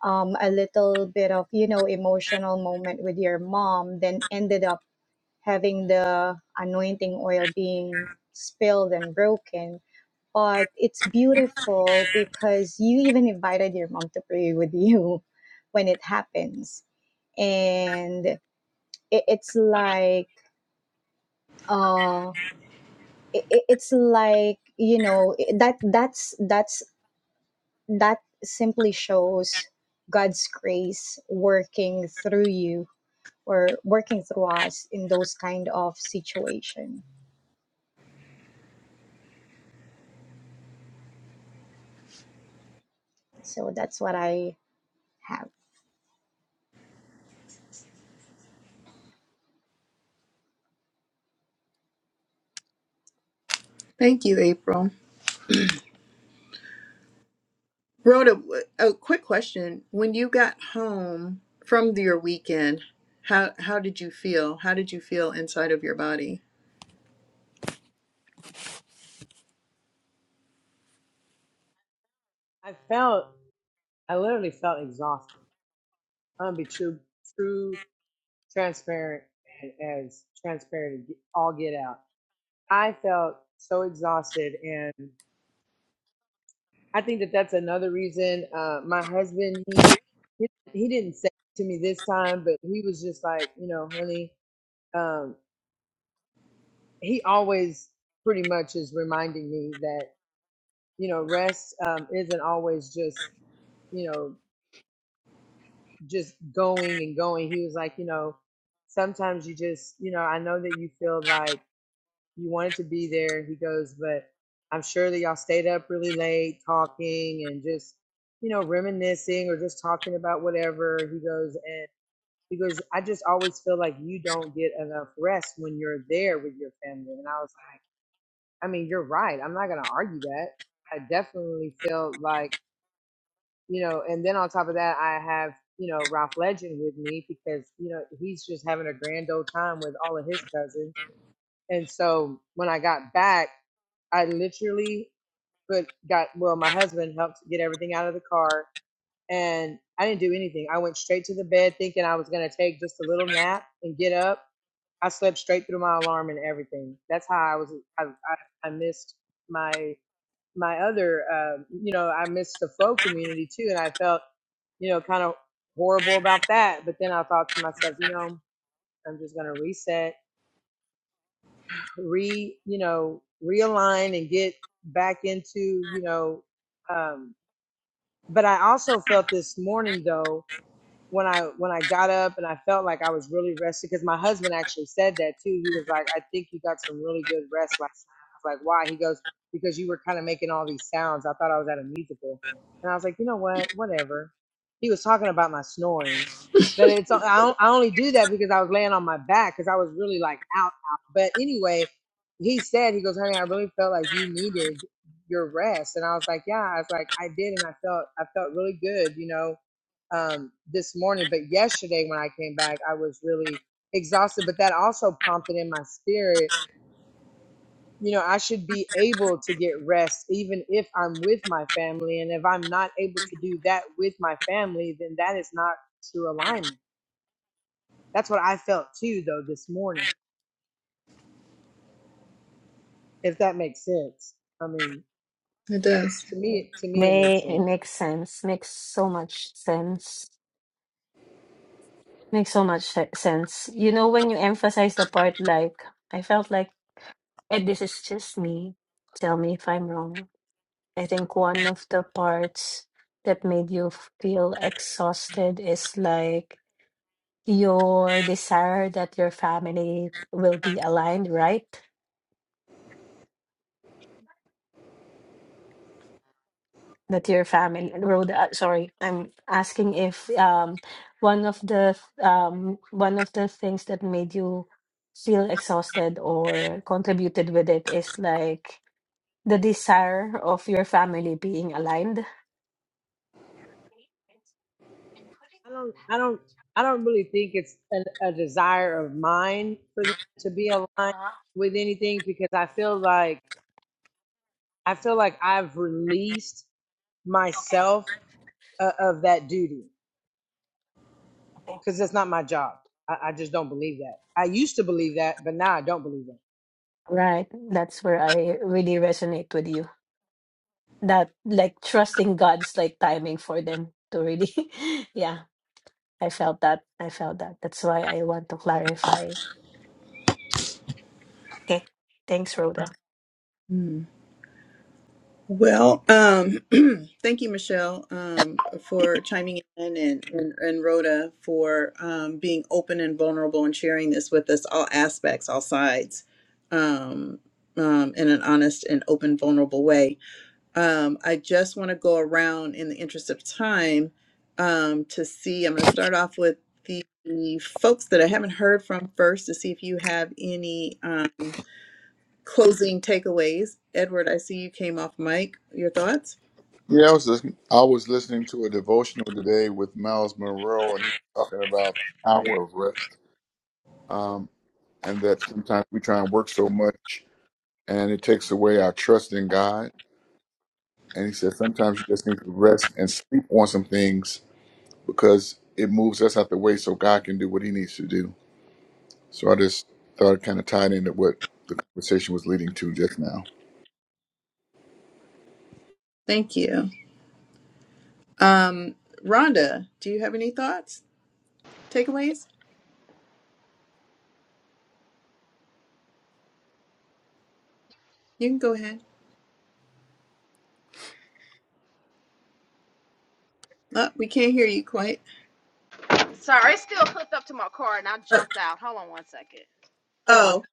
um, a little bit of, you know, emotional moment with your mom, then ended up having the anointing oil being spilled and broken. But it's beautiful because you even invited your mom to pray with you when it happens and it, it's like uh it, it- it's like you know that that's that's that simply shows god's grace working through you or working through us in those kind of situation so that's what i have
Thank you, April. Rhoda, a quick question. When you got home from your weekend, how how did you feel? How did you feel inside of your body?
I felt, I literally felt exhausted. I'm gonna be true, true, transparent, as transparent as all get out. I felt so exhausted, and I think that that's another reason. Uh, my husband, he, he, he didn't say it to me this time, but he was just like, you know, honey. Um, he always pretty much is reminding me that you know rest um, isn't always just you know just going and going. He was like, you know, sometimes you just, you know, I know that you feel like you wanted to be there. He goes, but I'm sure that y'all stayed up really late talking and just, you know, reminiscing or just talking about whatever. He goes, and he goes, I just always feel like you don't get enough rest when you're there with your family. And I was like, I mean, you're right. I'm not going to argue that. I definitely felt like, you know, and then on top of that, I have, you know, Ralph Legend with me because, you know, he's just having a grand old time with all of his cousins. And so when I got back, I literally put, got, well, my husband helped get everything out of the car and I didn't do anything. I went straight to the bed thinking I was going to take just a little nap and get up. I slept straight through my alarm and everything. That's how I was, I, I, I missed my my other, um, you know, I missed the flow community too, and I felt, you know, kind of horrible about that. But then I thought to myself, you know, I'm just gonna reset, re, you know, realign and get back into, you know, um, but I also felt this morning though. when I when I got up and I felt like I was really rested because my husband actually said that too. He was like, "I think you got some really good rest last night." I was like, "Why?" He goes, "Because you were kind of making all these sounds. I thought I was at a musical." And I was like, "You know what? Whatever." He was talking about my snoring, but it's I, on- I only do that because I was laying on my back because I was really like out out. But anyway, he said he goes, "Honey, I really felt like you needed your rest," and I was like, "Yeah." I was like, "I did," and I felt I felt really good, you know um, this morning. But yesterday, when I came back, I was really exhausted. But that also prompted in my spirit, you know, I should be able to get rest, even if I'm with my family. And if I'm not able to do that with my family, then that is not true alignment. That's what I felt too, though, this morning. If that makes sense, I mean,
It does.
to me, to me, it makes
may it
sense.
makes sense makes so much sense makes so much se- sense you know when you emphasize the part like i felt like and this is just me. Tell me if I'm wrong. I think one of the parts that made you feel exhausted is like your desire that your family will be aligned, right? That your family, Rhoda, uh, sorry, I'm asking if um one of the um one of the things that made you feel exhausted or contributed with it is like the desire of your family being aligned.
I don't, I don't, I don't really think it's an, a desire of mine for them to be aligned
Uh-huh.
with anything because I feel like I feel like I've released
Okay.
myself uh, of that duty
Okay.
because it's not my job. I, I just don't believe that. I used to believe that, but now I don't believe it.
Right. That's where I really resonate with you. That like trusting God's like timing for them to really yeah, I felt that. I felt that. That's why I want to clarify. Okay. Thanks, Rhoda.
Hmm. Well, um, thank you, Michelle, um, for chiming in and, and, and Rhoda for um, being open and vulnerable and sharing this with us, all aspects, all sides, um, um, in an honest and open, vulnerable way. Um, I just want to go around in the interest of time um, to see. I'm going to start off with the folks that I haven't heard from first to see if you have any. Um, closing takeaways. Edward, I see you came off mic. Your thoughts?
Yeah, I was just, I was listening to a devotional today with Miles Monroe, and he was talking about hour of rest, um, and that sometimes we try and work so much, and it takes away our trust in God. And he said sometimes you just need to rest and sleep on some things because it moves us out the way so God can do what He needs to do. So I just thought it kind of tied into what the conversation was leading to just now.
Thank you. Um, Rhonda, do you have any thoughts? Takeaways? You can go ahead. Uh, we can't hear you quite.
Sorry, it's still hooked up to my car and I
Uh,
jumped out. Hold on one second.
oh,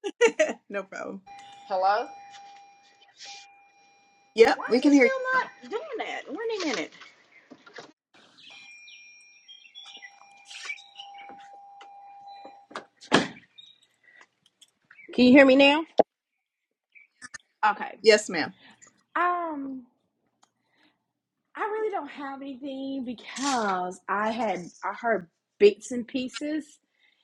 no problem.
Hello.
Yep,
Why
we
is it
can hear
still
you.
not doing that? Wait a minute. Can you hear me now? Okay.
Yes, ma'am.
Um, I really don't have anything because I had I heard bits and pieces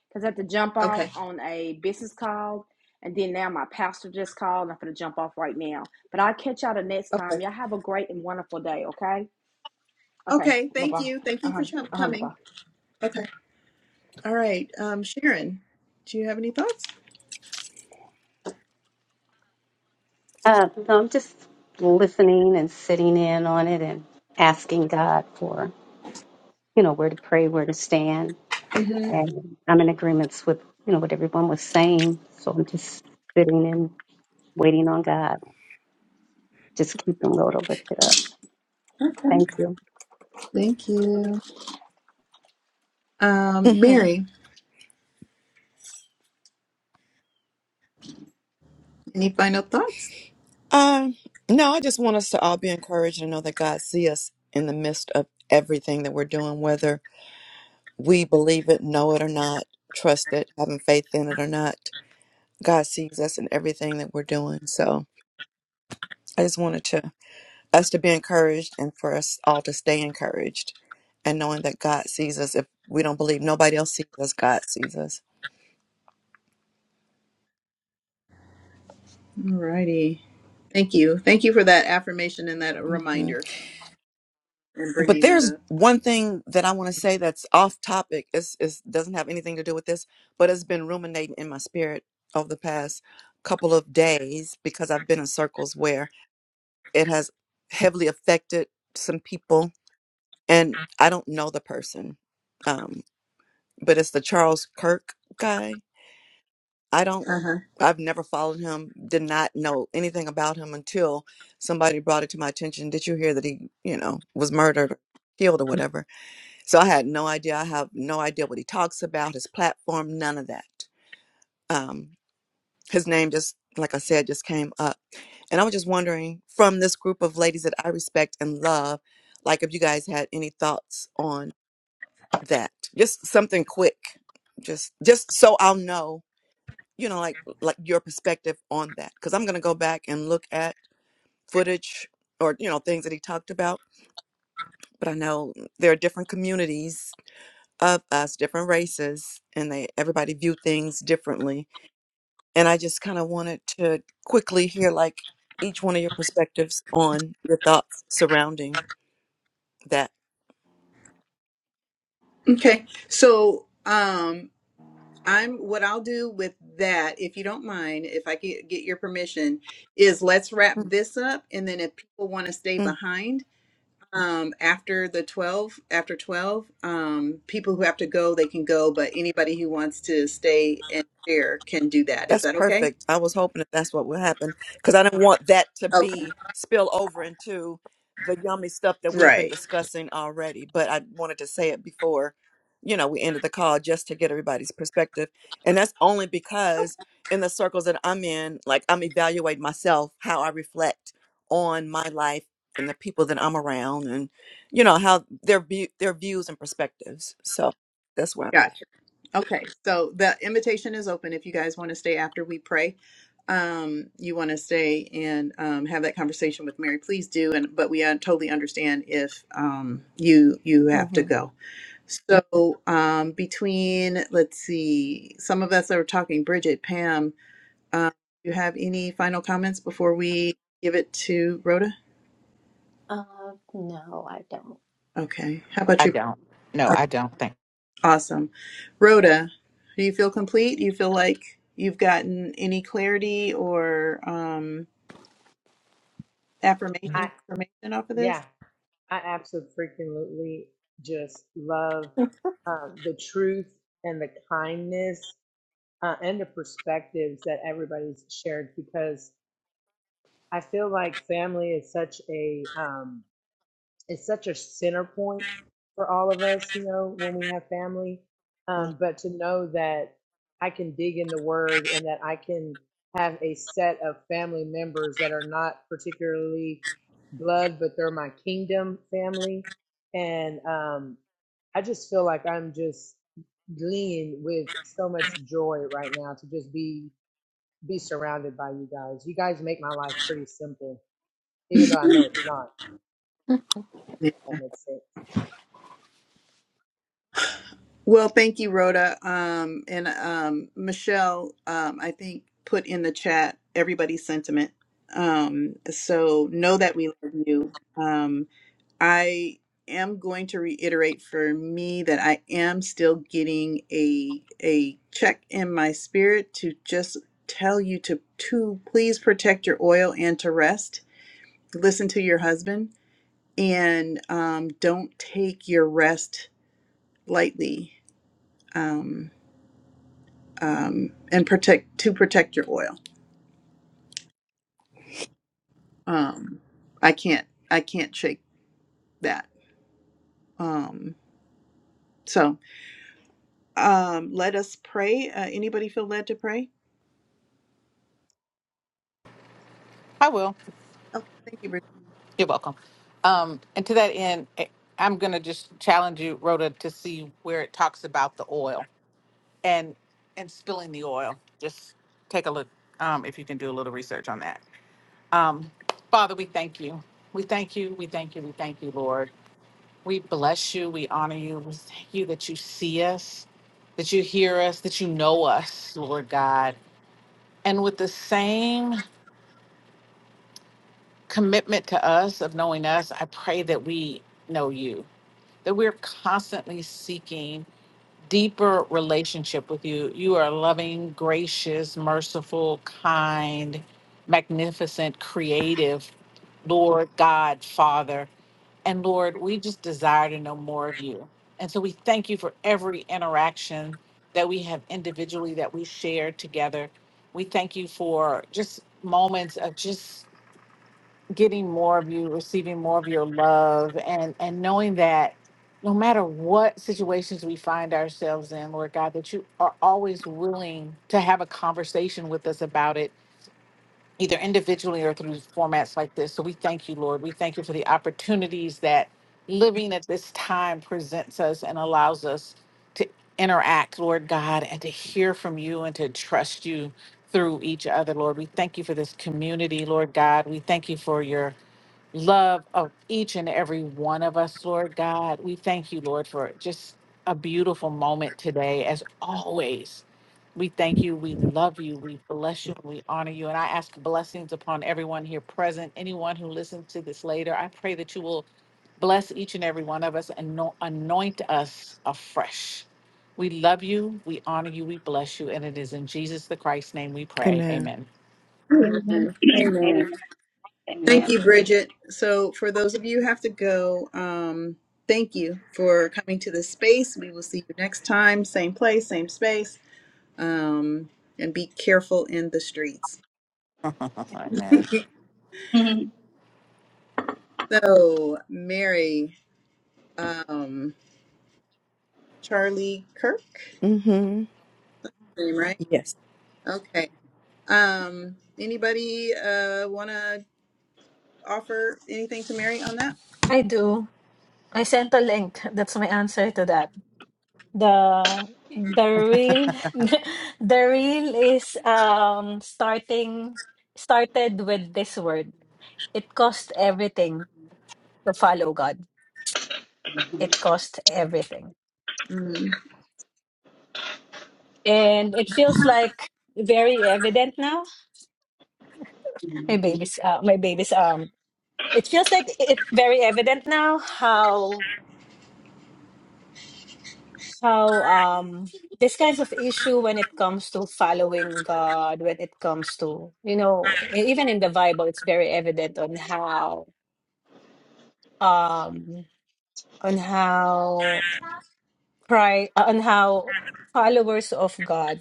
because I had to jump off
Okay.
on a business call and then now my pastor just called and I'm gonna jump off right now. But I'll catch y'all the next time.
Okay.
Y'all have a great and wonderful day, okay? Okay,
Okay.
bye
Thank
bye.
you. Thank you for
Uh-huh.
chom-
Uh-huh. Bye bye.
coming. Okay. All right. Um, Sharon, do you have any thoughts?
Uh, no, I'm just listening and sitting in on it and asking God for, you know, where to pray, where to stand.
hmm
And I'm in agreements with, you know, what everyone was saying. So I'm just sitting and waiting on God. Just keeping him low to lift it up. Thank you.
Thank you. Um,
hmm
Mary, any final thoughts?
Um, no, I just want us to all be encouraged and know that God see us in the midst of everything that we're doing, whether we believe it, know it or not, trust it, having faith in it or not. God sees us in everything that we're doing. So I just wanted to us to be encouraged and for us all to stay encouraged and knowing that God sees us. If we don't believe nobody else sees us, God sees us.
Alrighty. Thank you. Thank you for that affirmation and that
hmm
reminder and
But
bringing that
there's
up.
one thing that I want to say that's off topic. It's, it doesn't have anything to do with this, but it's been ruminating in my spirit over the past couple of days because I've been in circles where It has heavily affected some people, and I don't know the person, um, but it's the Charles Kirk guy. I don't.
Uh-huh.
I've never followed him. Did not know anything about him until somebody brought it to my attention. Did you hear that he, you know, was murdered, or killed, or whatever? So I had no idea. I have no idea what he talks about, his platform, none of that. Um, his name just, like I said, just came up And I was just wondering from this group of ladies that I respect and love, like if you guys had any thoughts on that. Just something quick. Just just so I'll know, you know, like like your perspective on that cuz I'm going to go back and look at footage or you know things that he talked about, but I know there are different communities of us, different races, and they everybody view things differently. And I just kind of wanted to quickly hear like each one of your perspectives on your thoughts surrounding that.
Okay. So, um, I'm what I'll do with that, if you don't mind, if I get, get your permission, is let's wrap
Mm,
this up, and then if people want to stay
mm.
behind, um, after the twelve, after twelve, um, people who have to go, they can go, but anybody who wants to stay and share can do that. Is
That's
that okay?
perfect. I was hoping that that's what would happen because I didn't want that to
Okay.
be spill over into the yummy stuff that we've been
Right.
discussing already. But I wanted to say it before, you know, we ended the call just to get everybody's perspective. And that's only because in the circles that I'm in, like I'm evaluating myself, how I reflect on my life and the people that I'm around and, you know, how their view, their views and perspectives. So that's where.
got. Okay, so the invitation is open if you guys want to stay after we pray. Um, you want to stay and um, have that conversation with Mary, please do. And but we uh, totally understand if um, you you
I'm.
have to
hmm
go. So um, between let's see, some of us are talking. Bridget, Pam, um, you have any final comments before we give it to Rhoda?
uh, no I don't
Okay, how about
I
you?
don't. No, I don't think
Awesome. Rhoda, do you feel complete? Do you feel like you've gotten any clarity or um,
I
affirmation confirmation off of this?
yeah, I absolutely just love uh, the truth and the kindness uh, and the perspectives that everybody's shared because I feel like family is such a um, it's such a center point for all of us, you know, when we have family. Um, but to know that I can dig in the word and that I can have a set of family members that are not particularly blood, but they're my kingdom family. And um, I just feel like I'm just gleaning with so much joy right now to just be be surrounded by you guys. You guys make my life pretty simple, even though I know it's not. if That
Yeah.
makes sense.
Well, thank you, Rhoda. Um, and um, Michelle, um, I think, put in the chat everybody's sentiment. Um, so know that we love you. Um, I am going to reiterate for me that I am still getting a a check in my spirit to just tell you to to please protect your oil and to rest. Listen to your husband and um, don't take your rest lightly. Um, um, and protect to protect your oil. Um, I can't I can't shake that. Um, so um, let us pray. Uh, anybody feel led to pray?
I will.
Okay, thank you,
You're welcome. Um, and to that end, I- I'm going to just challenge you, Rhoda, to see where it talks about the oil and and spilling the oil. Just take a look um, if you can do a little research on that. Um, Father, we thank you. We thank you. We thank you. We thank you, Lord. We bless you. We honor you. We thank you that you see us, that you hear us, that you know us, Lord God. And with the same commitment to us of knowing us, I pray that we know you that we're constantly seeking deeper relationship with you. You are loving, gracious, merciful, kind, magnificent, creative, Lord God, Father. And Lord, we just desire to know more of you. And so we thank you for every interaction that we have individually that we share together. We thank you for just moments of just getting more of you, receiving more of your love, and and knowing that no matter what situations we find ourselves in, Lord God, that you are always willing to have a conversation with us about it, either individually or through formats like this. So we thank you, Lord. We thank you for the opportunities that living at this time presents us and allows us to interact, Lord God, and to hear from you and to trust you through each other, Lord. We thank you for this community, Lord God. We thank you for your love of each and every one of us, Lord God. We thank you, Lord, for just a beautiful moment today, as always. We thank you. We love you. We bless you. We honor you. And I ask blessings upon everyone here present, anyone who listens to this later. I pray that you will bless each and every one of us and ano- anoint us afresh. We love you. We honor you. We bless you. And it is in Jesus the Christ's name we pray.
Amen.
Amen.
Bridget.
Amen.
Amen. Amen. Thank
Amen.
you, Bridget. So, for those of you who have to go, um, thank you for coming to this space. We will see you next time, same place, same space, um, and be careful in the streets.
Amen.
Amen.
so, Mary, um, Charlie Kirk,
hmm
name right?
Yes.
Okay. Um, anybody uh, want to offer anything to Mary on that?
I do. I sent a link. That's my answer to that. The the real the real is um starting started with this word. It cost everything. to follow God. It cost everything,
Mm.
and it feels like very evident now. My baby's, uh, my baby's. Um, it feels like it's very evident now how how um this kinds of issue when it comes to following God, when it comes to you know even in the Bible, it's very evident on how um on how cry on how followers of God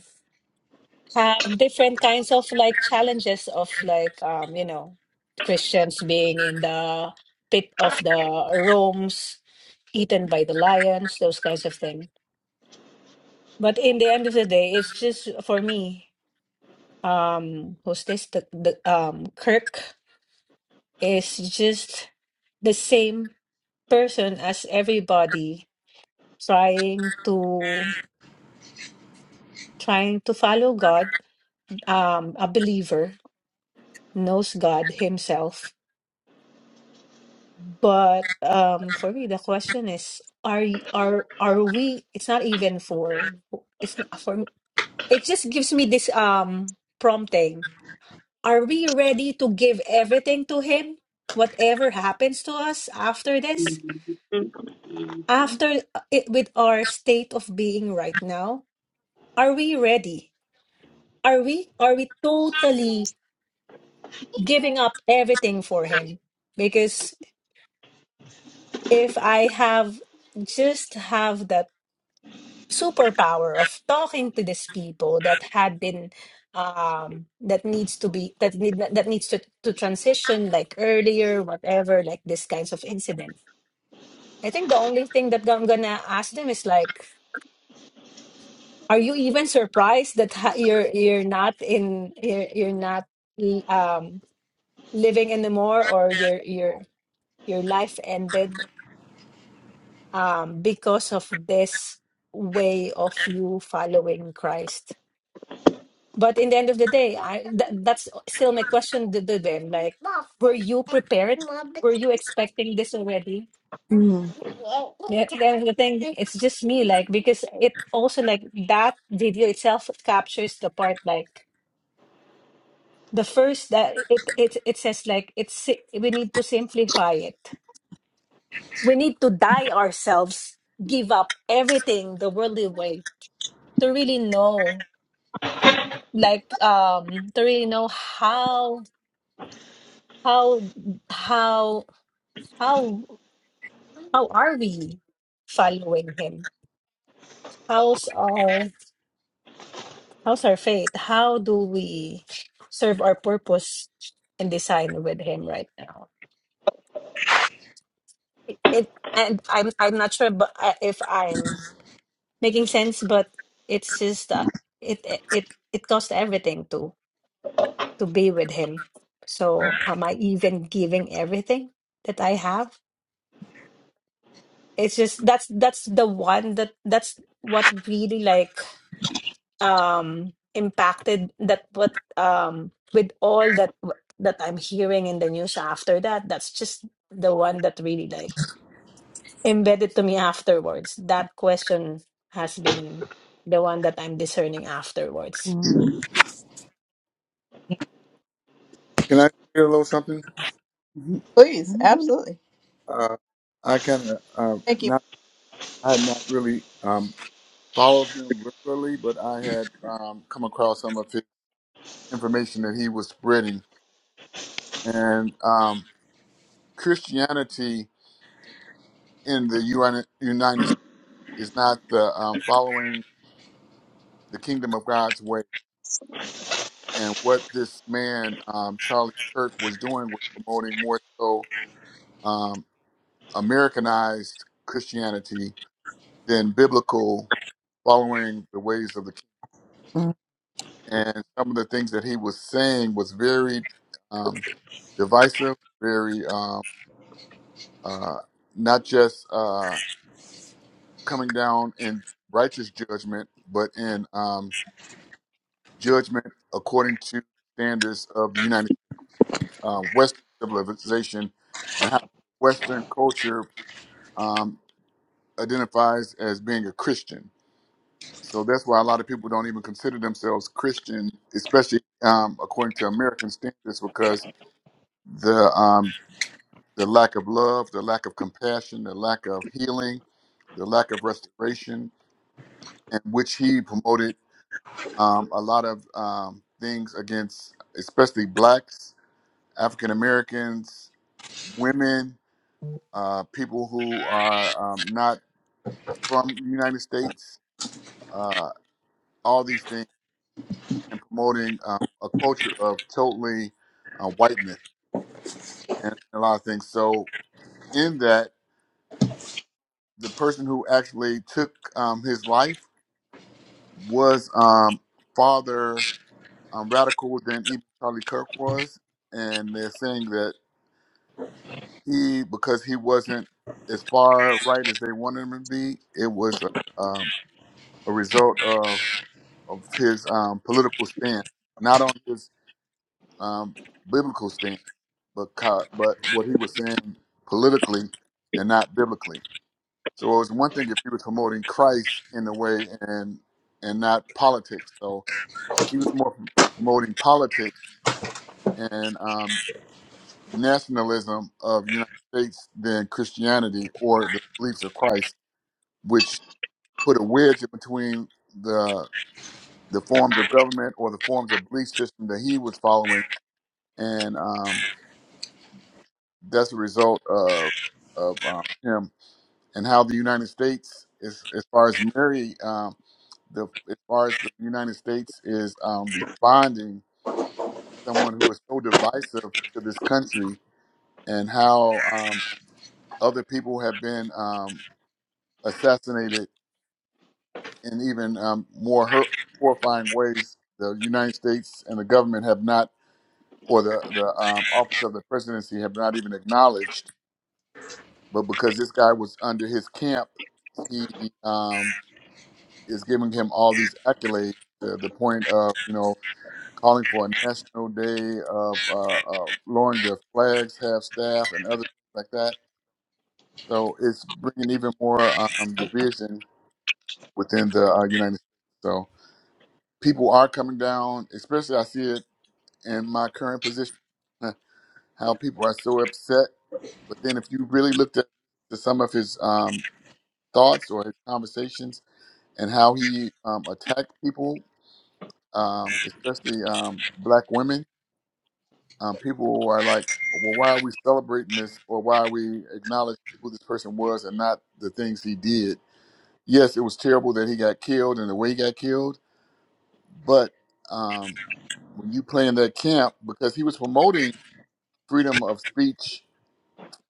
have different kinds of like challenges of like um you know Christians being in the pit of the Rome's eaten by the lions those kinds of things but in the end of the day it's just for me um who's this the, the um Kirk is just the same person as everybody trying to trying to follow God um a believer knows God himself But um, for me, the question is, are y- are are we? It's not even for. It's not for. me- It just gives me this um prompting. Are we ready to give everything to him? Whatever happens to us after this, after uh, it, with our state of being right now, are we ready? Are we are we totally giving up everything for him? Because if I have just have that superpower of talking to these people that had been um that needs to be that need that needs to, to transition like earlier whatever like these kinds of incidents i think the only thing that i'm gonna ask them is like are you even surprised that ha- you're you're not in you're, you're not um living anymore or your your your life ended um because of this way of you following christ But in the end of the day, I th- that's still my question to to them. Like, were you prepared? Were you expecting this already?
Mm,
Yeah, then the thing, it's just me, like, because it also like that video itself captures the part like the first that it it it says like it's si- we need to simplify it. We need to die ourselves, give up everything the worldly way to really know, like, um, to really know how. how how how how are we following him how's our how's our faith how do we serve our purpose and design with him right now it, and i'm i'm not sure but uh, if i'm making sense but it's just that it it it it costs everything to to be with him so am i even giving everything that i have it's just that's that's the one that that's what really like um impacted that what um with all that that I'm hearing in the news after that that's just the one that really like embedded to me afterwards that question has been the one that I'm discerning afterwards
mm,
Can I share a little something? Mhm.
Please,
mhm,
absolutely.
Uh, I kind of uh,
Thank you.
not I had not really. um, followed him regularly, but I had um, come across some of his information that he was spreading. And um, Christianity in the Uni- United States is not the um, following the kingdom of God's way. And what this man, um, Charlie Kirk, was doing was promoting more so um, Americanized Christianity than biblical following the ways of the kingdom.
mm,
and some of the things that he was saying was very um, divisive, very um, uh, not just uh, coming down in righteous judgment, but in um, judgment according to standards of the United uh, Western civilization and how Western culture um, identifies as being a Christian. So that's why a lot of people don't even consider themselves Christian, especially um, according to American standards, because the um, the lack of love, the lack of compassion, the lack of healing, the lack of restoration, in which he promoted um, a lot of um, things against, especially blacks, African Americans, women, uh, people who are um, not from the United States, uh, all these things, and promoting um, a culture of totally uh, whiteness and a lot of things. So, in that, the person who actually took um, his life was um, farther um, radical than even Charlie Kirk was, and they're saying that he, because he wasn't as far right as they wanted him to be, it was uh, um, a result of of his um, political stance, not on his um, biblical stance, but co- but what he was saying politically and not biblically. So it was one thing if he was promoting Christ in a way and and not politics. So he was more promoting politics and um, nationalism of United States than Christianity or the beliefs of Christ, which put a wedge in between the the forms of government or the forms of belief system that he was following, and um, that's a result of of um, him and how the United States is as far as Mary. Um, the, as far as the United States is um, responding, someone who is so divisive to this country, and how um, Other people have been um, assassinated in even um, more hurt, horrifying ways. The United States and the government have not, or the the um, office of the presidency have not even acknowledged. But because this guy was under his camp, he um, is giving him all these accolades to the point of you know calling for a national day of uh, uh, lowering the flags, half staff, and other things like that. So it's bringing even more um, division within the uh, United States. So people are coming down, especially I see it in my current position, uh, how people are so upset. But then if you really looked at the, some of his um, thoughts or his conversations and how he um, attacked people, um, especially um, black women, um, people are like, well, why are we celebrating this or why are we acknowledging who this person was and not the things he did? Yes, it was terrible that he got killed and the way he got killed, but um, when you play in that camp because he was promoting freedom of speech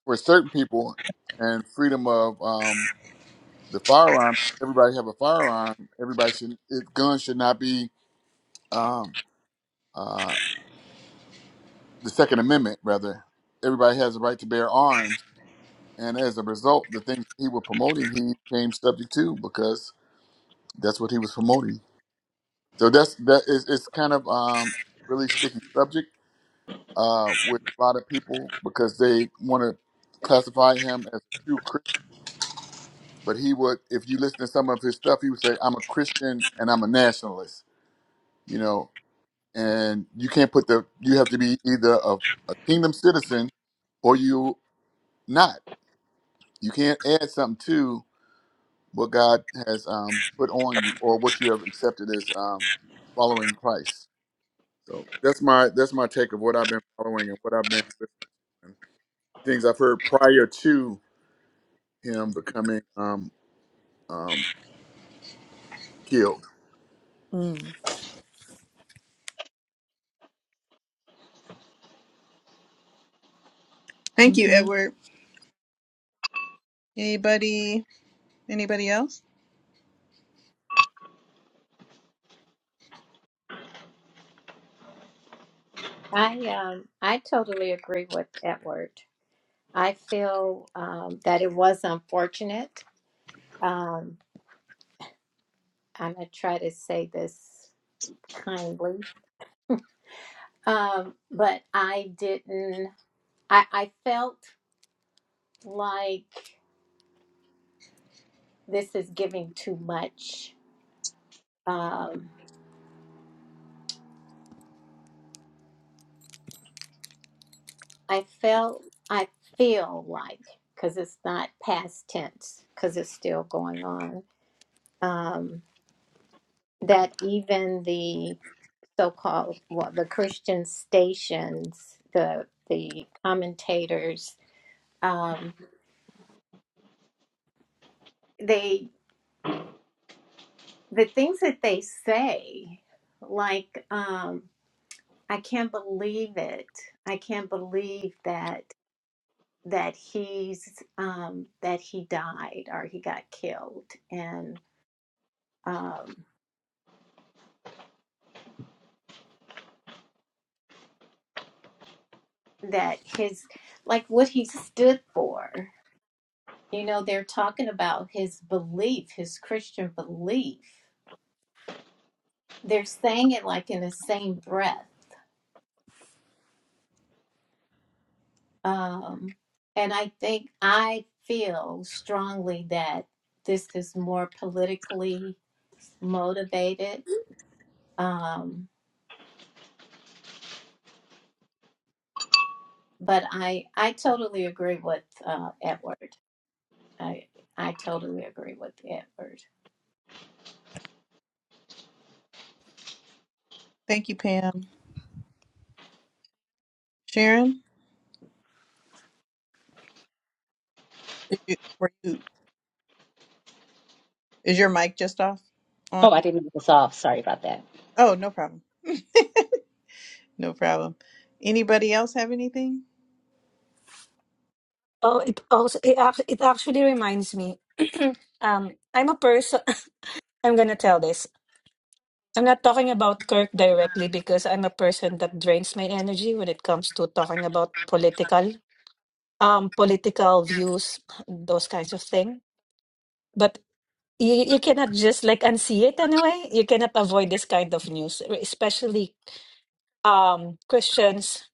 for certain people and freedom of um, the firearms. Everybody have a firearm. Everybody should it, guns should not be um, uh, the Second Amendment. Rather, everybody has a right to bear arms. And as a result, the things he was promoting, he came subject to because that's what he was promoting. So that's that is it's kind of um, really sticky subject uh, with a lot of people because they want to classify him as a true Christian. But he would, if you listen to some of his stuff, he would say, "I'm a Christian and I'm a nationalist," you know. And you can't put the you have to be either a, a kingdom citizen or you not. You can't add something to what God has um, put on you or what you have accepted as um, following Christ. So that's my that's my take of what I've been following and what I've been listening. The things I've heard prior to him becoming um um killed.
Mm.
Thank you,
mhm,
Edward. Anybody anybody else?
I um I totally agree with Edward. I feel um, that it was unfortunate. Um, I'm gonna try to say this kindly, um, but I didn't. I I felt like this is giving too much. Um, I felt I feel like because it's not past tense because it's still going on. Um, that even the so-called well, the Christian stations, the the commentators, um, they the things that they say, like um, I can't believe it. I can't believe that that he's um, that he died or he got killed, and um, that his like what he stood for. You know, they're talking about his belief, his Christian belief they're saying it like in the same breath. Um, and I think I feel strongly that this is more politically motivated. Um, but I I totally agree with uh, Edward. I I totally agree with Edward.
Thank you, Pam. Sharon, did you, were you, is your mic just off on?
Oh, I didn't make this off. Sorry about that.
Oh, no problem. No problem. Anybody else have anything?
oh it also it, ac- it actually reminds me um I'm a person I'm gonna tell this I'm not talking about Kirk directly because I'm a person that drains my energy when it comes to talking about political um political views those kinds of thing but you, you cannot just like unsee it anyway you cannot avoid this kind of news especially um christians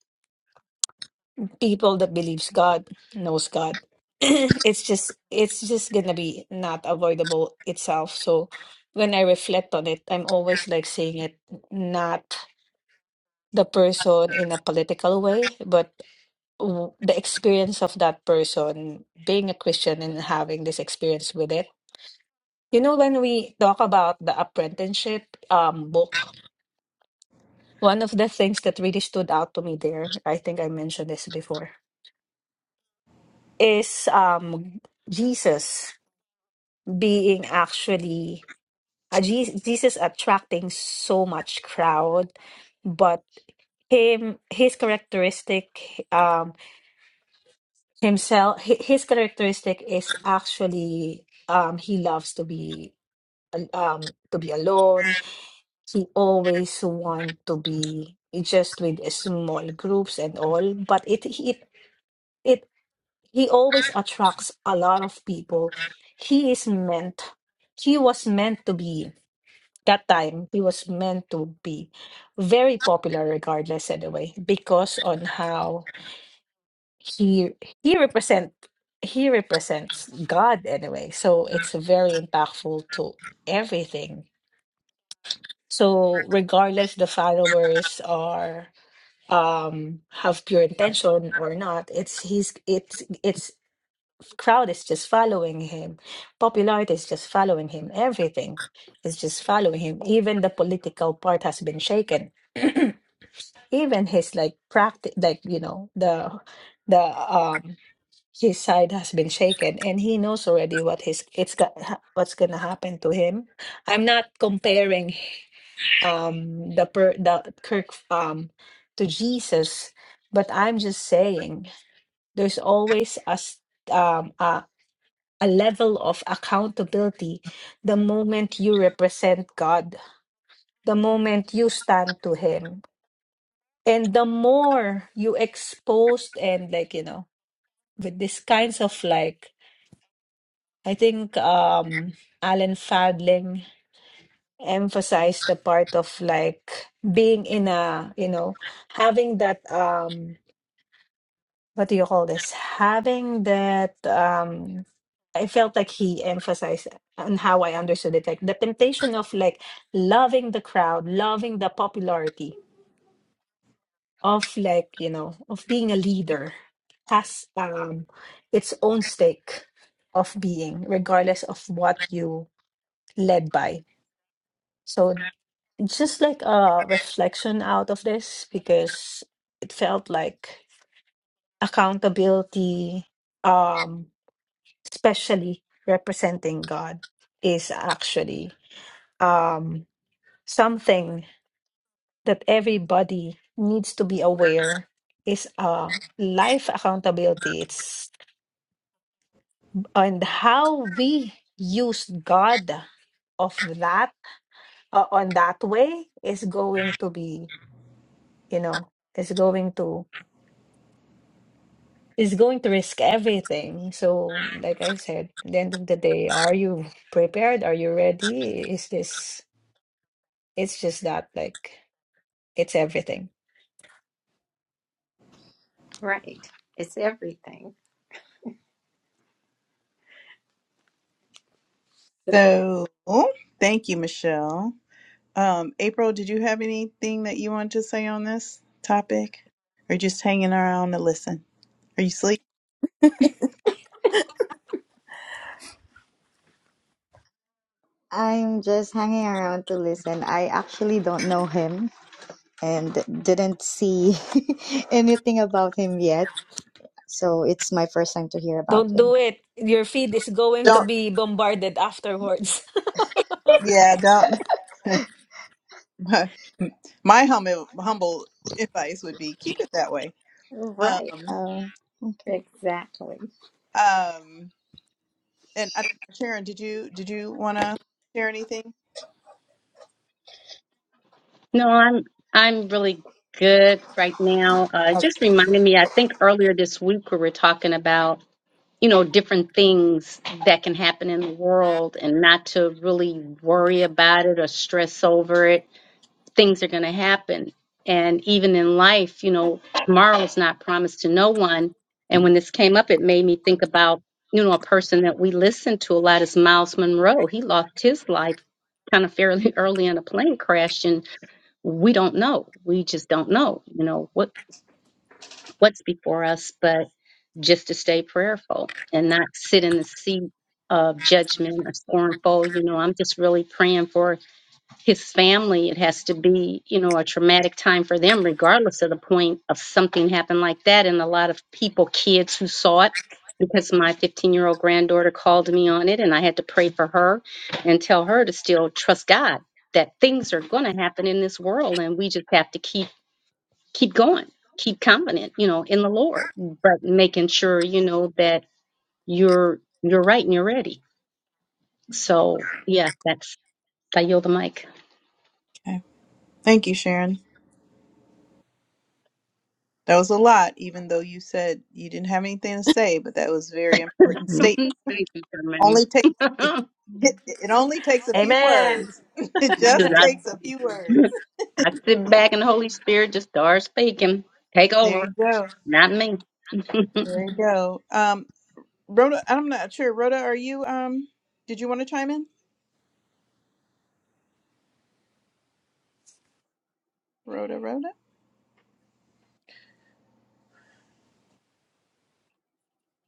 people that believes god knows god it's just it's just gonna be not avoidable itself so when i reflect on it i'm always like seeing it not the person in a political way but w- the experience of that person being a christian and having this experience with it You know, when we talk about the apprenticeship um, book, one of the things that really stood out to me there, I think I mentioned this before, is um, Jesus being actually uh, Je- Jesus attracting so much crowd, but him his characteristic um himself hi- his characteristic is actually um he loves to be al- um to be alone he always want to be just with small groups and all but it it it he always attracts a lot of people he is meant he was meant to be that time he was meant to be very popular regardless anyway because on how he he represent he represents god anyway so it's very impactful to everything so regardless the followers are um have pure intention or not it's he's it's it's crowd is just following him popularity is just following him everything is just following him even the political part has been shaken even his like practice like you know the the um his side has been shaken and he knows already what his it's got ha- what's gonna happen to him i'm not comparing um the per the Kirk um to Jesus, but I'm just saying there's always a s- um a, a level of accountability the moment you represent God, the moment you stand to Him, and the more you exposed and like you know with these kinds of like I think um Alan Fadling emphasized the part of like being in a you know having that um what do you call this? Having that, um, I felt like he emphasized on how I understood it, like the temptation of like loving the crowd, loving the popularity of like, you know, of being a leader has um its own stake of being, regardless of what you led by. So just like a reflection out of this, because it felt like accountability, um especially representing God, is actually um, something that everybody needs to be aware is a life accountability. It's and how we use God of that uh, on that way is going to be, you know, is going to is going to risk everything. So, like I said, at the end of the day, are you prepared? Are you ready? Is this It's just that, like, it's everything.
Right. It's everything.
So, thank you, Michelle. Um, April, did you have anything that you wanted to say on this topic? Or just hanging around to listen? Are you asleep?
I'm just hanging around to listen. I actually don't know him and didn't see anything about him yet. So it's my first time to hear about
Don't
him.
do it. Your feed is going to
Don't.
be bombarded afterwards.
Yeah, don't. My, my humble, humble advice would be keep it that way.
Right.
Um,
Oh, okay.
Exactly.
um, and I, Sharon, did you did you want to share anything?
No, I'm I'm really good right now. Uh, it just reminded me. I think earlier this week we were talking about. you know, different things that can happen in the world and not to really worry about it or stress over it. Things are going to happen. And even in life, you know, tomorrow's not promised to no one. And when this came up, it made me think about, you know, a person that we listen to a lot is Miles Monroe. He lost his life kind of fairly early in a plane crash and we don't know. We just don't know, you know, what what's before us. but just to stay prayerful and not sit in the seat of judgment or scornful. You know, I'm just really praying for his family. It has to be, you know, a traumatic time for them, regardless of the point of something happened like that. And a lot of people, kids who saw it, because my 15 year old granddaughter called me on it and I had to pray for her and tell her to still trust God that things are going to happen in this world and we just have to keep keep going, keep confident, you know, in the Lord, but making sure you know that you're you're right and you're ready. So yeah, that's I yield the mic.
Okay, thank you, Sharon. That was a lot, even though you said you didn't have anything to say, but that was a very
Mhm.
important
mhm,
statement.
Thank you, Charmaine.
Only take it,
Mm.
it only takes a few
Amen.
words. It just
'Cause I,
Yeah.
takes a few words.
I sit back and the Holy Spirit just starts speaking. Take
There you
over,
go.
not me.
There you go. Um, Rhoda, I'm not sure. Rhoda, are you? Um, did you want to chime in? Rhoda, Rhoda.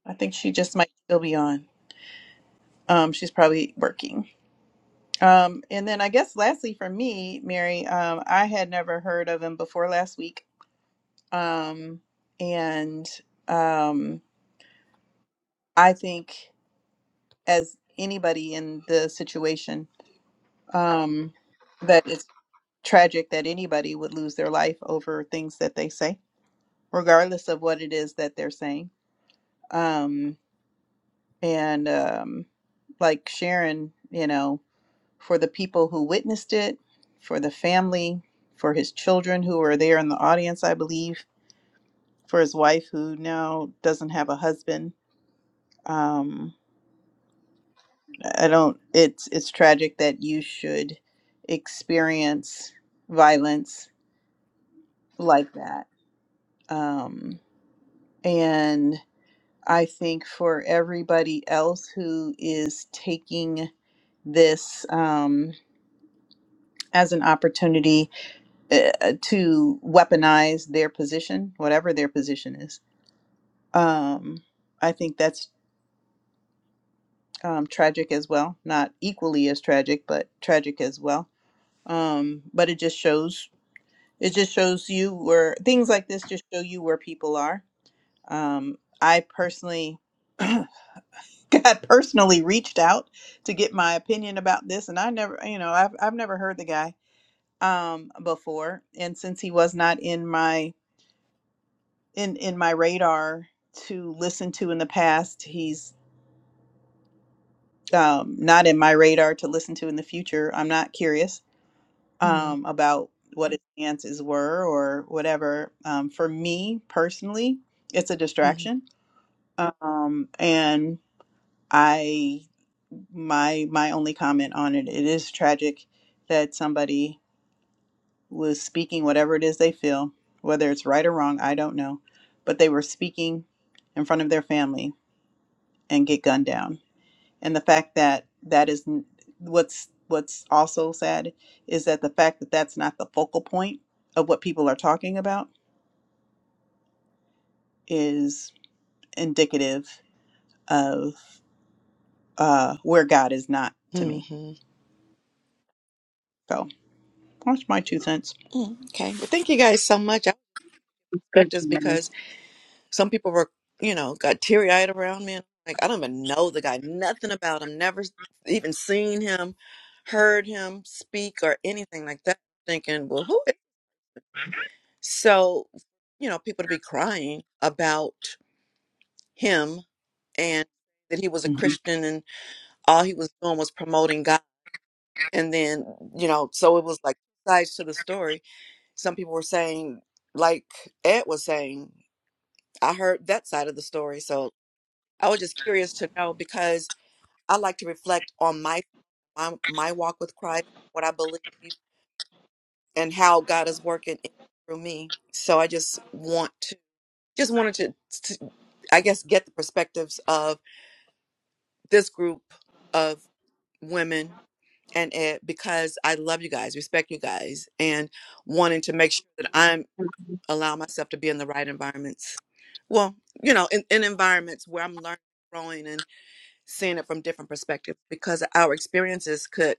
I think she just might still be on. Um, she's probably working. Um, and then I guess lastly for me, Mary, um, I had never heard of him before last week. Um, and um, I think as anybody in the situation, um, that it's tragic that anybody would lose their life over things that they say, regardless of what it is that they're saying. Um, and um, like Sharon, you know, for the people who witnessed it, for the family, for his children who were there in the audience, I believe, for his wife who now doesn't have a husband. Um, I don't. It's it's tragic that you should experience violence like that. Um, and I think for everybody else who is taking this um, as an opportunity uh, to weaponize their position, whatever their position is. Um, I think that's um, tragic as well. Not equally as tragic, but tragic as well. Um, but it just shows it just shows you where things like this just show you where people are. Um, I personally got personally reached out to get my opinion about this, and I never, you know, I've I've never heard the guy um before and since he was not in my in in my radar to listen to in the past. He's um, not in my radar to listen to in the future. I'm not curious
mhm,
um, about what his stances were or whatever. Um, for me personally, it's a
mhm.
distraction, um, and I my my only comment on it. It is tragic that somebody was speaking whatever it is they feel, whether it's right or wrong, I don't know, but they were speaking in front of their family and get gunned down. And the fact that that is n- what's what's also sad is that the fact that that's not the focal point of what people are talking about is indicative of uh, where God is not to me.
Mm,
So that's my two cents.
Okay. Well, thank you guys so much. I
Good,
respect this
Charmaine.
because some people were, you know, got teary eyed around me. And like, I don't even know the guy, nothing about him, never even seen him, heard him speak or anything like that. Thinking, well, who is? So, you know, people to be crying about him and that he was a
Mhm.
Christian and all he was doing was promoting God. and then you know so it was like sides to the story some people were saying like ed was saying i heard that side of the story so i was just curious to know because i like to reflect on my my, my walk with christ what i believe and how god is working in, through me so i just want to just wanted to, to i guess get the perspectives of this group of women and it because I love you guys, respect you guys, and wanting to make sure that I'm
Mm-hmm.
allow myself to be in the right environments. Well, you know, in, in environments where I'm learning, growing, and seeing it from different perspectives, because our experiences could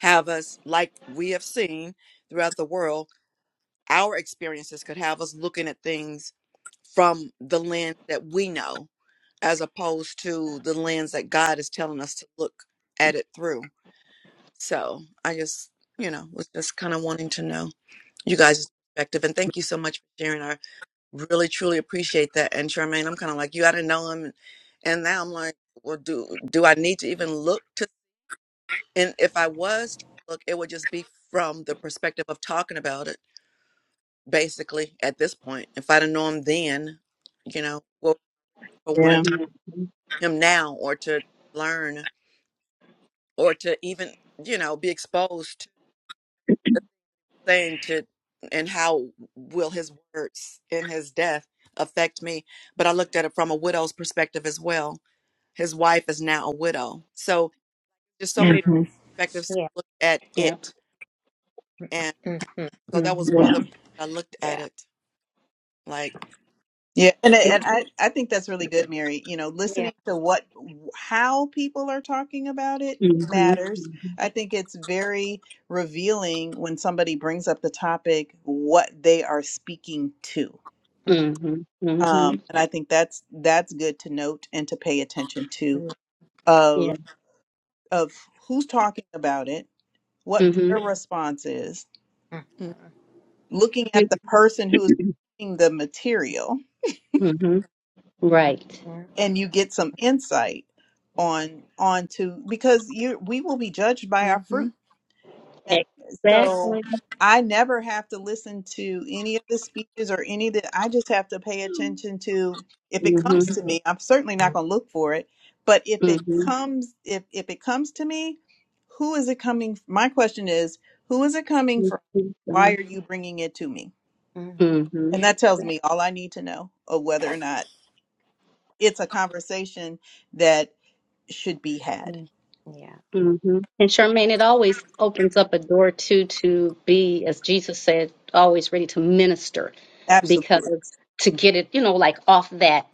have us, like we have seen throughout the world, our experiences could have us looking at things from the lens that we know, as opposed to the lens that God is telling us to look at it through So I just, you know, was just kind of wanting to know you guys' perspective. And thank you so much for sharing. I really, truly appreciate that. And Charmaine, I'm kind of like, you I didn't know him. And now I'm like, well, do do I need to even look to? And if I was to look, it would just be from the perspective of talking about it, basically, at this point. If i didn't know him then, you know, what for wanting
Yeah.
to him now or to learn or to even, you know, be exposed to. saying to and how will his words in his death affect me but i looked at it from a widow's perspective as well his wife is now a widow so there's so many
hmm
perspectives to
Yeah.
look at
Yeah.
it and
Mm-hmm.
so that was
Mm-hmm.
one
Yeah.
of the ways i looked at
Yeah.
it like
Yeah, and and I I think that's really good, Mary. You know,
Yeah.
listening to what how people are talking about it
Mm-hmm.
matters. I think it's very revealing when somebody brings up the topic what they are speaking to.
Mm-hmm. hmm
Um, and I think that's that's good to note and to pay attention to
Mm-hmm.
Yeah.
of of who's talking about it, what
Mm-hmm.
their response is,
Mm-hmm.
mm,
looking at the person who's giving the material
Mm-hmm. Right.
and you get some insight on onto because you we will be judged by our fruit
mhm
and so
Exactly.
i never have to listen to any of the speeches or any of the i just have to pay attention to if it comes to me i'm certainly not going to look for it but if it
Mm-hmm.
comes if if it comes to me who is it coming my question is who is it coming from
Mm-hmm.
why are you bringing it to me
Mm-hmm.
and that tells
Yeah.
me all i need to know of whether or not it's a conversation that. should be had.
mm,
Mm-hmm. And Charmaine, it always opens up a door too to be, as Jesus said, always ready to minister because
Absolutely.
to get it, you know, like off that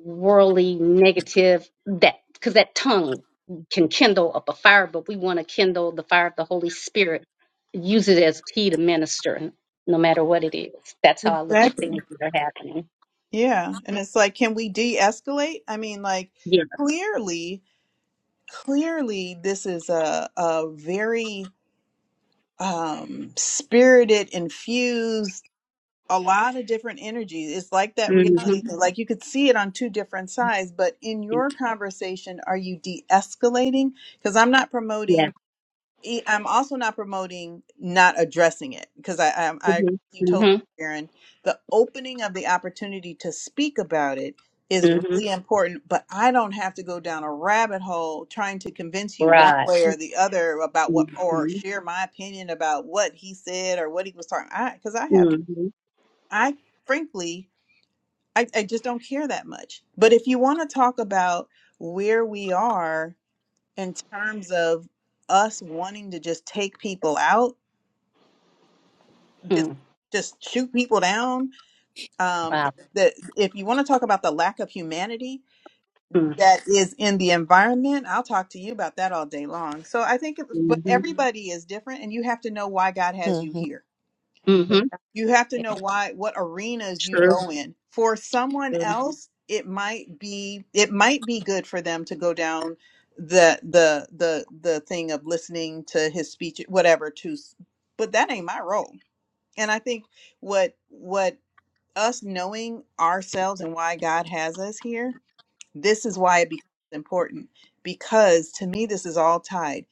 worldly negative, that because that tongue can kindle up a fire, but we want to kindle the fire of the Holy Spirit, use it as key to minister, no matter what it is. That's how I look at
Exactly.
things that are happening.
Yeah. And it's like, can we de escalate? I mean, like,
Yeah.
clearly, clearly, this is a, a very um, spirited, infused, a lot of different energies. It's like that reality.
Mm-hmm.
thing. Like, you could see it on two different sides, but in your conversation, are you de escalating? Because I'm not
Yeah.
promoting. e- I'm also not promoting not addressing it because I, I I agree
Mm-hmm.
with you totally, Sharon. The opening of the opportunity to speak about it is
Mm-hmm.
really important, but I don't have to go down a rabbit hole trying to convince you one
Right.
way or the other about what or
Mm-hmm.
share my opinion about what he said or what he was talking. I because I have
Mm-hmm.
I frankly I, I just don't care that much. But if you want to talk about where we are in terms of us wanting to just take people out, just
Hmm.
just shoot people down. Um,
Wow.
that if you want to talk about the lack of humanity
Hmm.
that is in the environment, I'll talk to you about that all day long. So I think, it, but
Mm-hmm.
everybody is different, and you have to know why God has you
mhm
here
Mm-hmm.
you have to
Yeah.
know why what arenas you
True.
go in for someone else it might be it might be good for them to go down the the the the thing of listening to his speech whatever to s- but that ain't my role and i think what what us knowing ourselves and why god has us here this is why it becomes important because to me this is all tied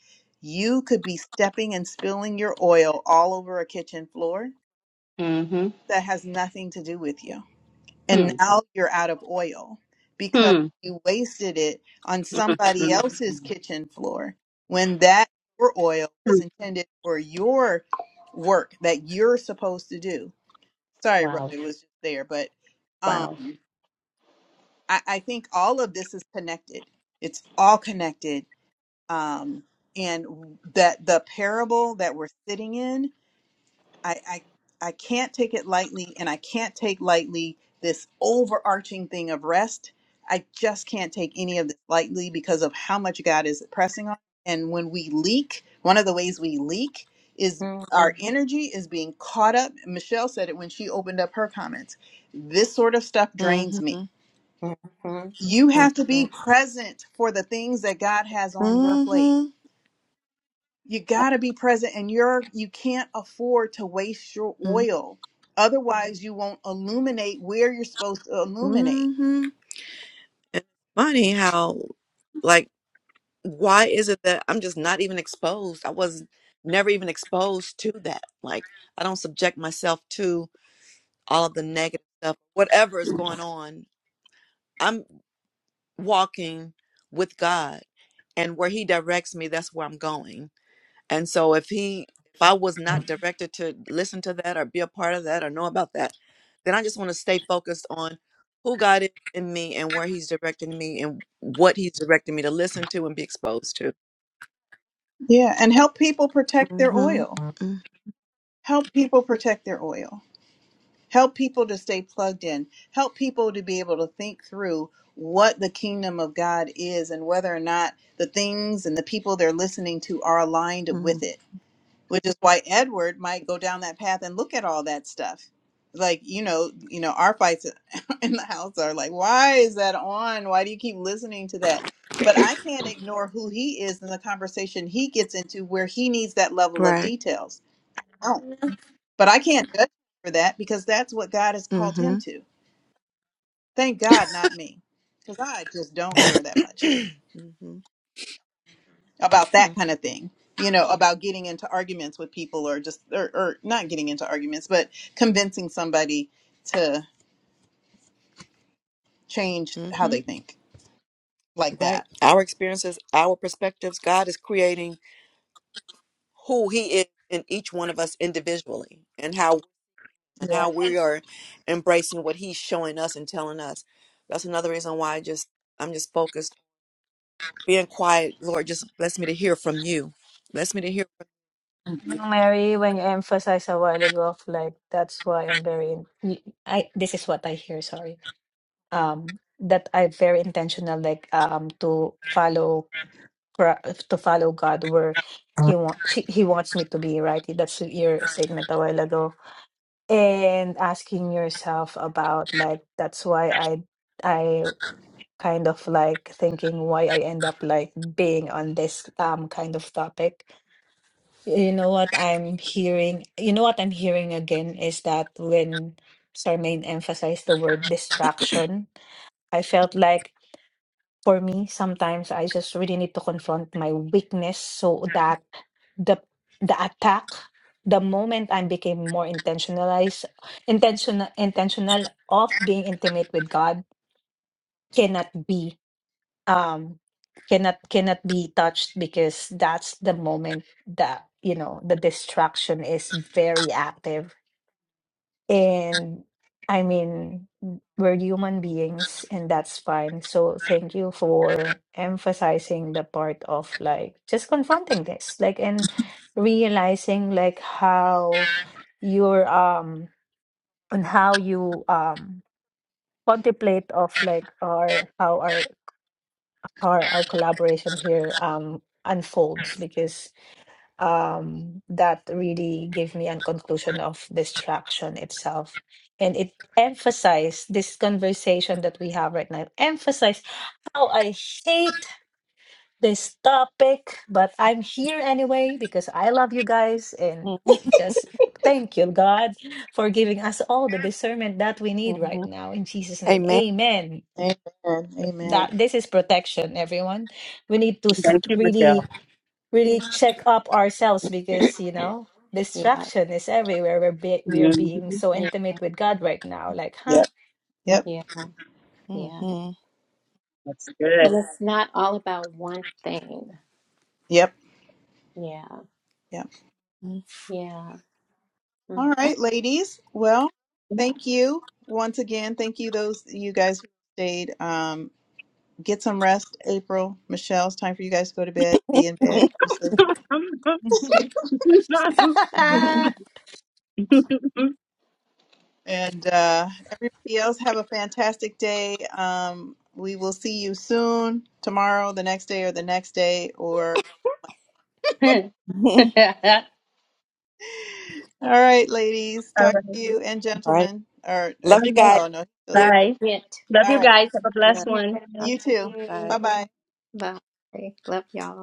you could be stepping and spilling your oil all over a kitchen floor
Mm-hmm.
that has nothing to do with you.
Hmm.
And now you're out of oil because
Hmm.
you wasted it on somebody
Mhm.
Mm-hmm.
else's kitchen floor when that your oil was
Hmm.
intended for your work that you're supposed to do. Sorry, Rhoda,
Wow.
it was just there, but um,
Wow.
I, I think all of this is connected. It's all connected. Um, and that the parable that we're sitting in I, I I can't take it lightly, and I can't take lightly this overarching thing of rest. I just can't take any of this lightly because of how much God is pressing on. And when we leak, one of the ways we leak is our energy is being caught up. Michelle said it when she opened up her comments. This sort of stuff
mm
drains
mhm
me.
Mhm.
You have to be
Mhm.
present for the things that God has on your plate
mm
you
mhm
got to be present and you're you can't afford to waste your
mm
oil otherwise you won't illuminate where you're supposed to illuminate
mhm and it's funny how like why is it that I'm just not even exposed? I was never even exposed to that. Like I don't subject myself to all of the negative stuff, whatever is going on. I'm walking with God, and where He directs me, that's where I'm going. And so if He, if I was not directed to listen to that or be a part of that or know about that, then I just want to stay focused on who God is in me and where He's directing me and what He's directing me to listen to and be exposed to.
yeah and help people protect their
hmm
oil help people protect their oil help people to stay plugged in help people to be able to think through what the kingdom of god is and whether or not the things and the people they're listening to are aligned with
Mm.
it which is why Edward might go down that path and look at all that stuff. Like you know, you know, our fights in the house are like, why is that on? Why do you keep listening to that? But I can't ignore who he is and the conversation he gets into, where he needs that level of
Right.
details. No, but I can't judge him for that because that's what God has called him
Mm-hmm.
to. Thank God, not me, because I just don't care that much. about that kind of thing you know about getting into arguments with people or just or, or not getting into arguments but convincing somebody to change
hmm
how
hmm
they think like
Right.
that
Our experiences, our perspectives. God is creating who He is in each one of us individually, and how and
yeah
how we are embracing what He's showing us and telling us. That's another reason why I just I'm just focused, being quiet. Lord, just bless me to hear from You. Bless me to hear.
Mhm.
No, Mary, when you emphasized a while ago of like that's why I'm very in- y- I this is what I hear, sorry. Um that I'm very intentional like um to follow Cra- to follow God where he want she, he wants me to be, right? That's your statement a while ago. And asking yourself about like that's why I I kind of like thinking why I end up like being on this um kind of topic. You know what I'm hearing, you know what I'm hearing again is that when Charmaine emphasized the word distraction, I felt like for me sometimes I just really need to confront my weakness so that the the attack the moment I became more intentionalized intentional intentional of being intimate with God cannot be um cannot cannot be touched because that's the moment that you know the distraction is very active and i mean we're human beings and that's fine so thank you for emphasizing the part of like just confronting this like and realizing like how your um on how you um contemplate of like our how our our our collaboration here um unfolds because um that really gave me a conclusion of distraction itself and it emphasized this conversation that we have right now emphasized how i hate this topic but i'm here anyway because i love you guys and just thank you god for giving us all the discernment that we need right now in jesus name
Amen.
amen
amen amen
that this is protection everyone we need to s-
Thank you, Michelle.
really
Yeah.
really check up ourselves because you know
Yeah.
distraction is everywhere we're be- we're being
Mm-hmm.
so
Yeah.
intimate with god right now like huh
yep yep
Yeah. Yeah.
That's
And
good.
it's not all about one thing.
yep
Yeah.
yep
hmm
Yeah.
all right ladies well thank you once again thank you those you guys who stayed um get some rest april michelle it's time for you guys to go to bed be in bed
All
And uh, everybody else, have a fantastic day. Um, we will see you soon, tomorrow, the next day, or the next day. Or all right, ladies, talk to
right.
you and
All right.
gentlemen. Or is
Love
All
you
he,
right.
guys.
oh no, he's still there.
Thank you.
Bye.
Mm.
Love you
All right,
guys. Have a
Yeah.
blessed one.
right.
you too.
Bye.
Bye bye.
Bye. Love y'all.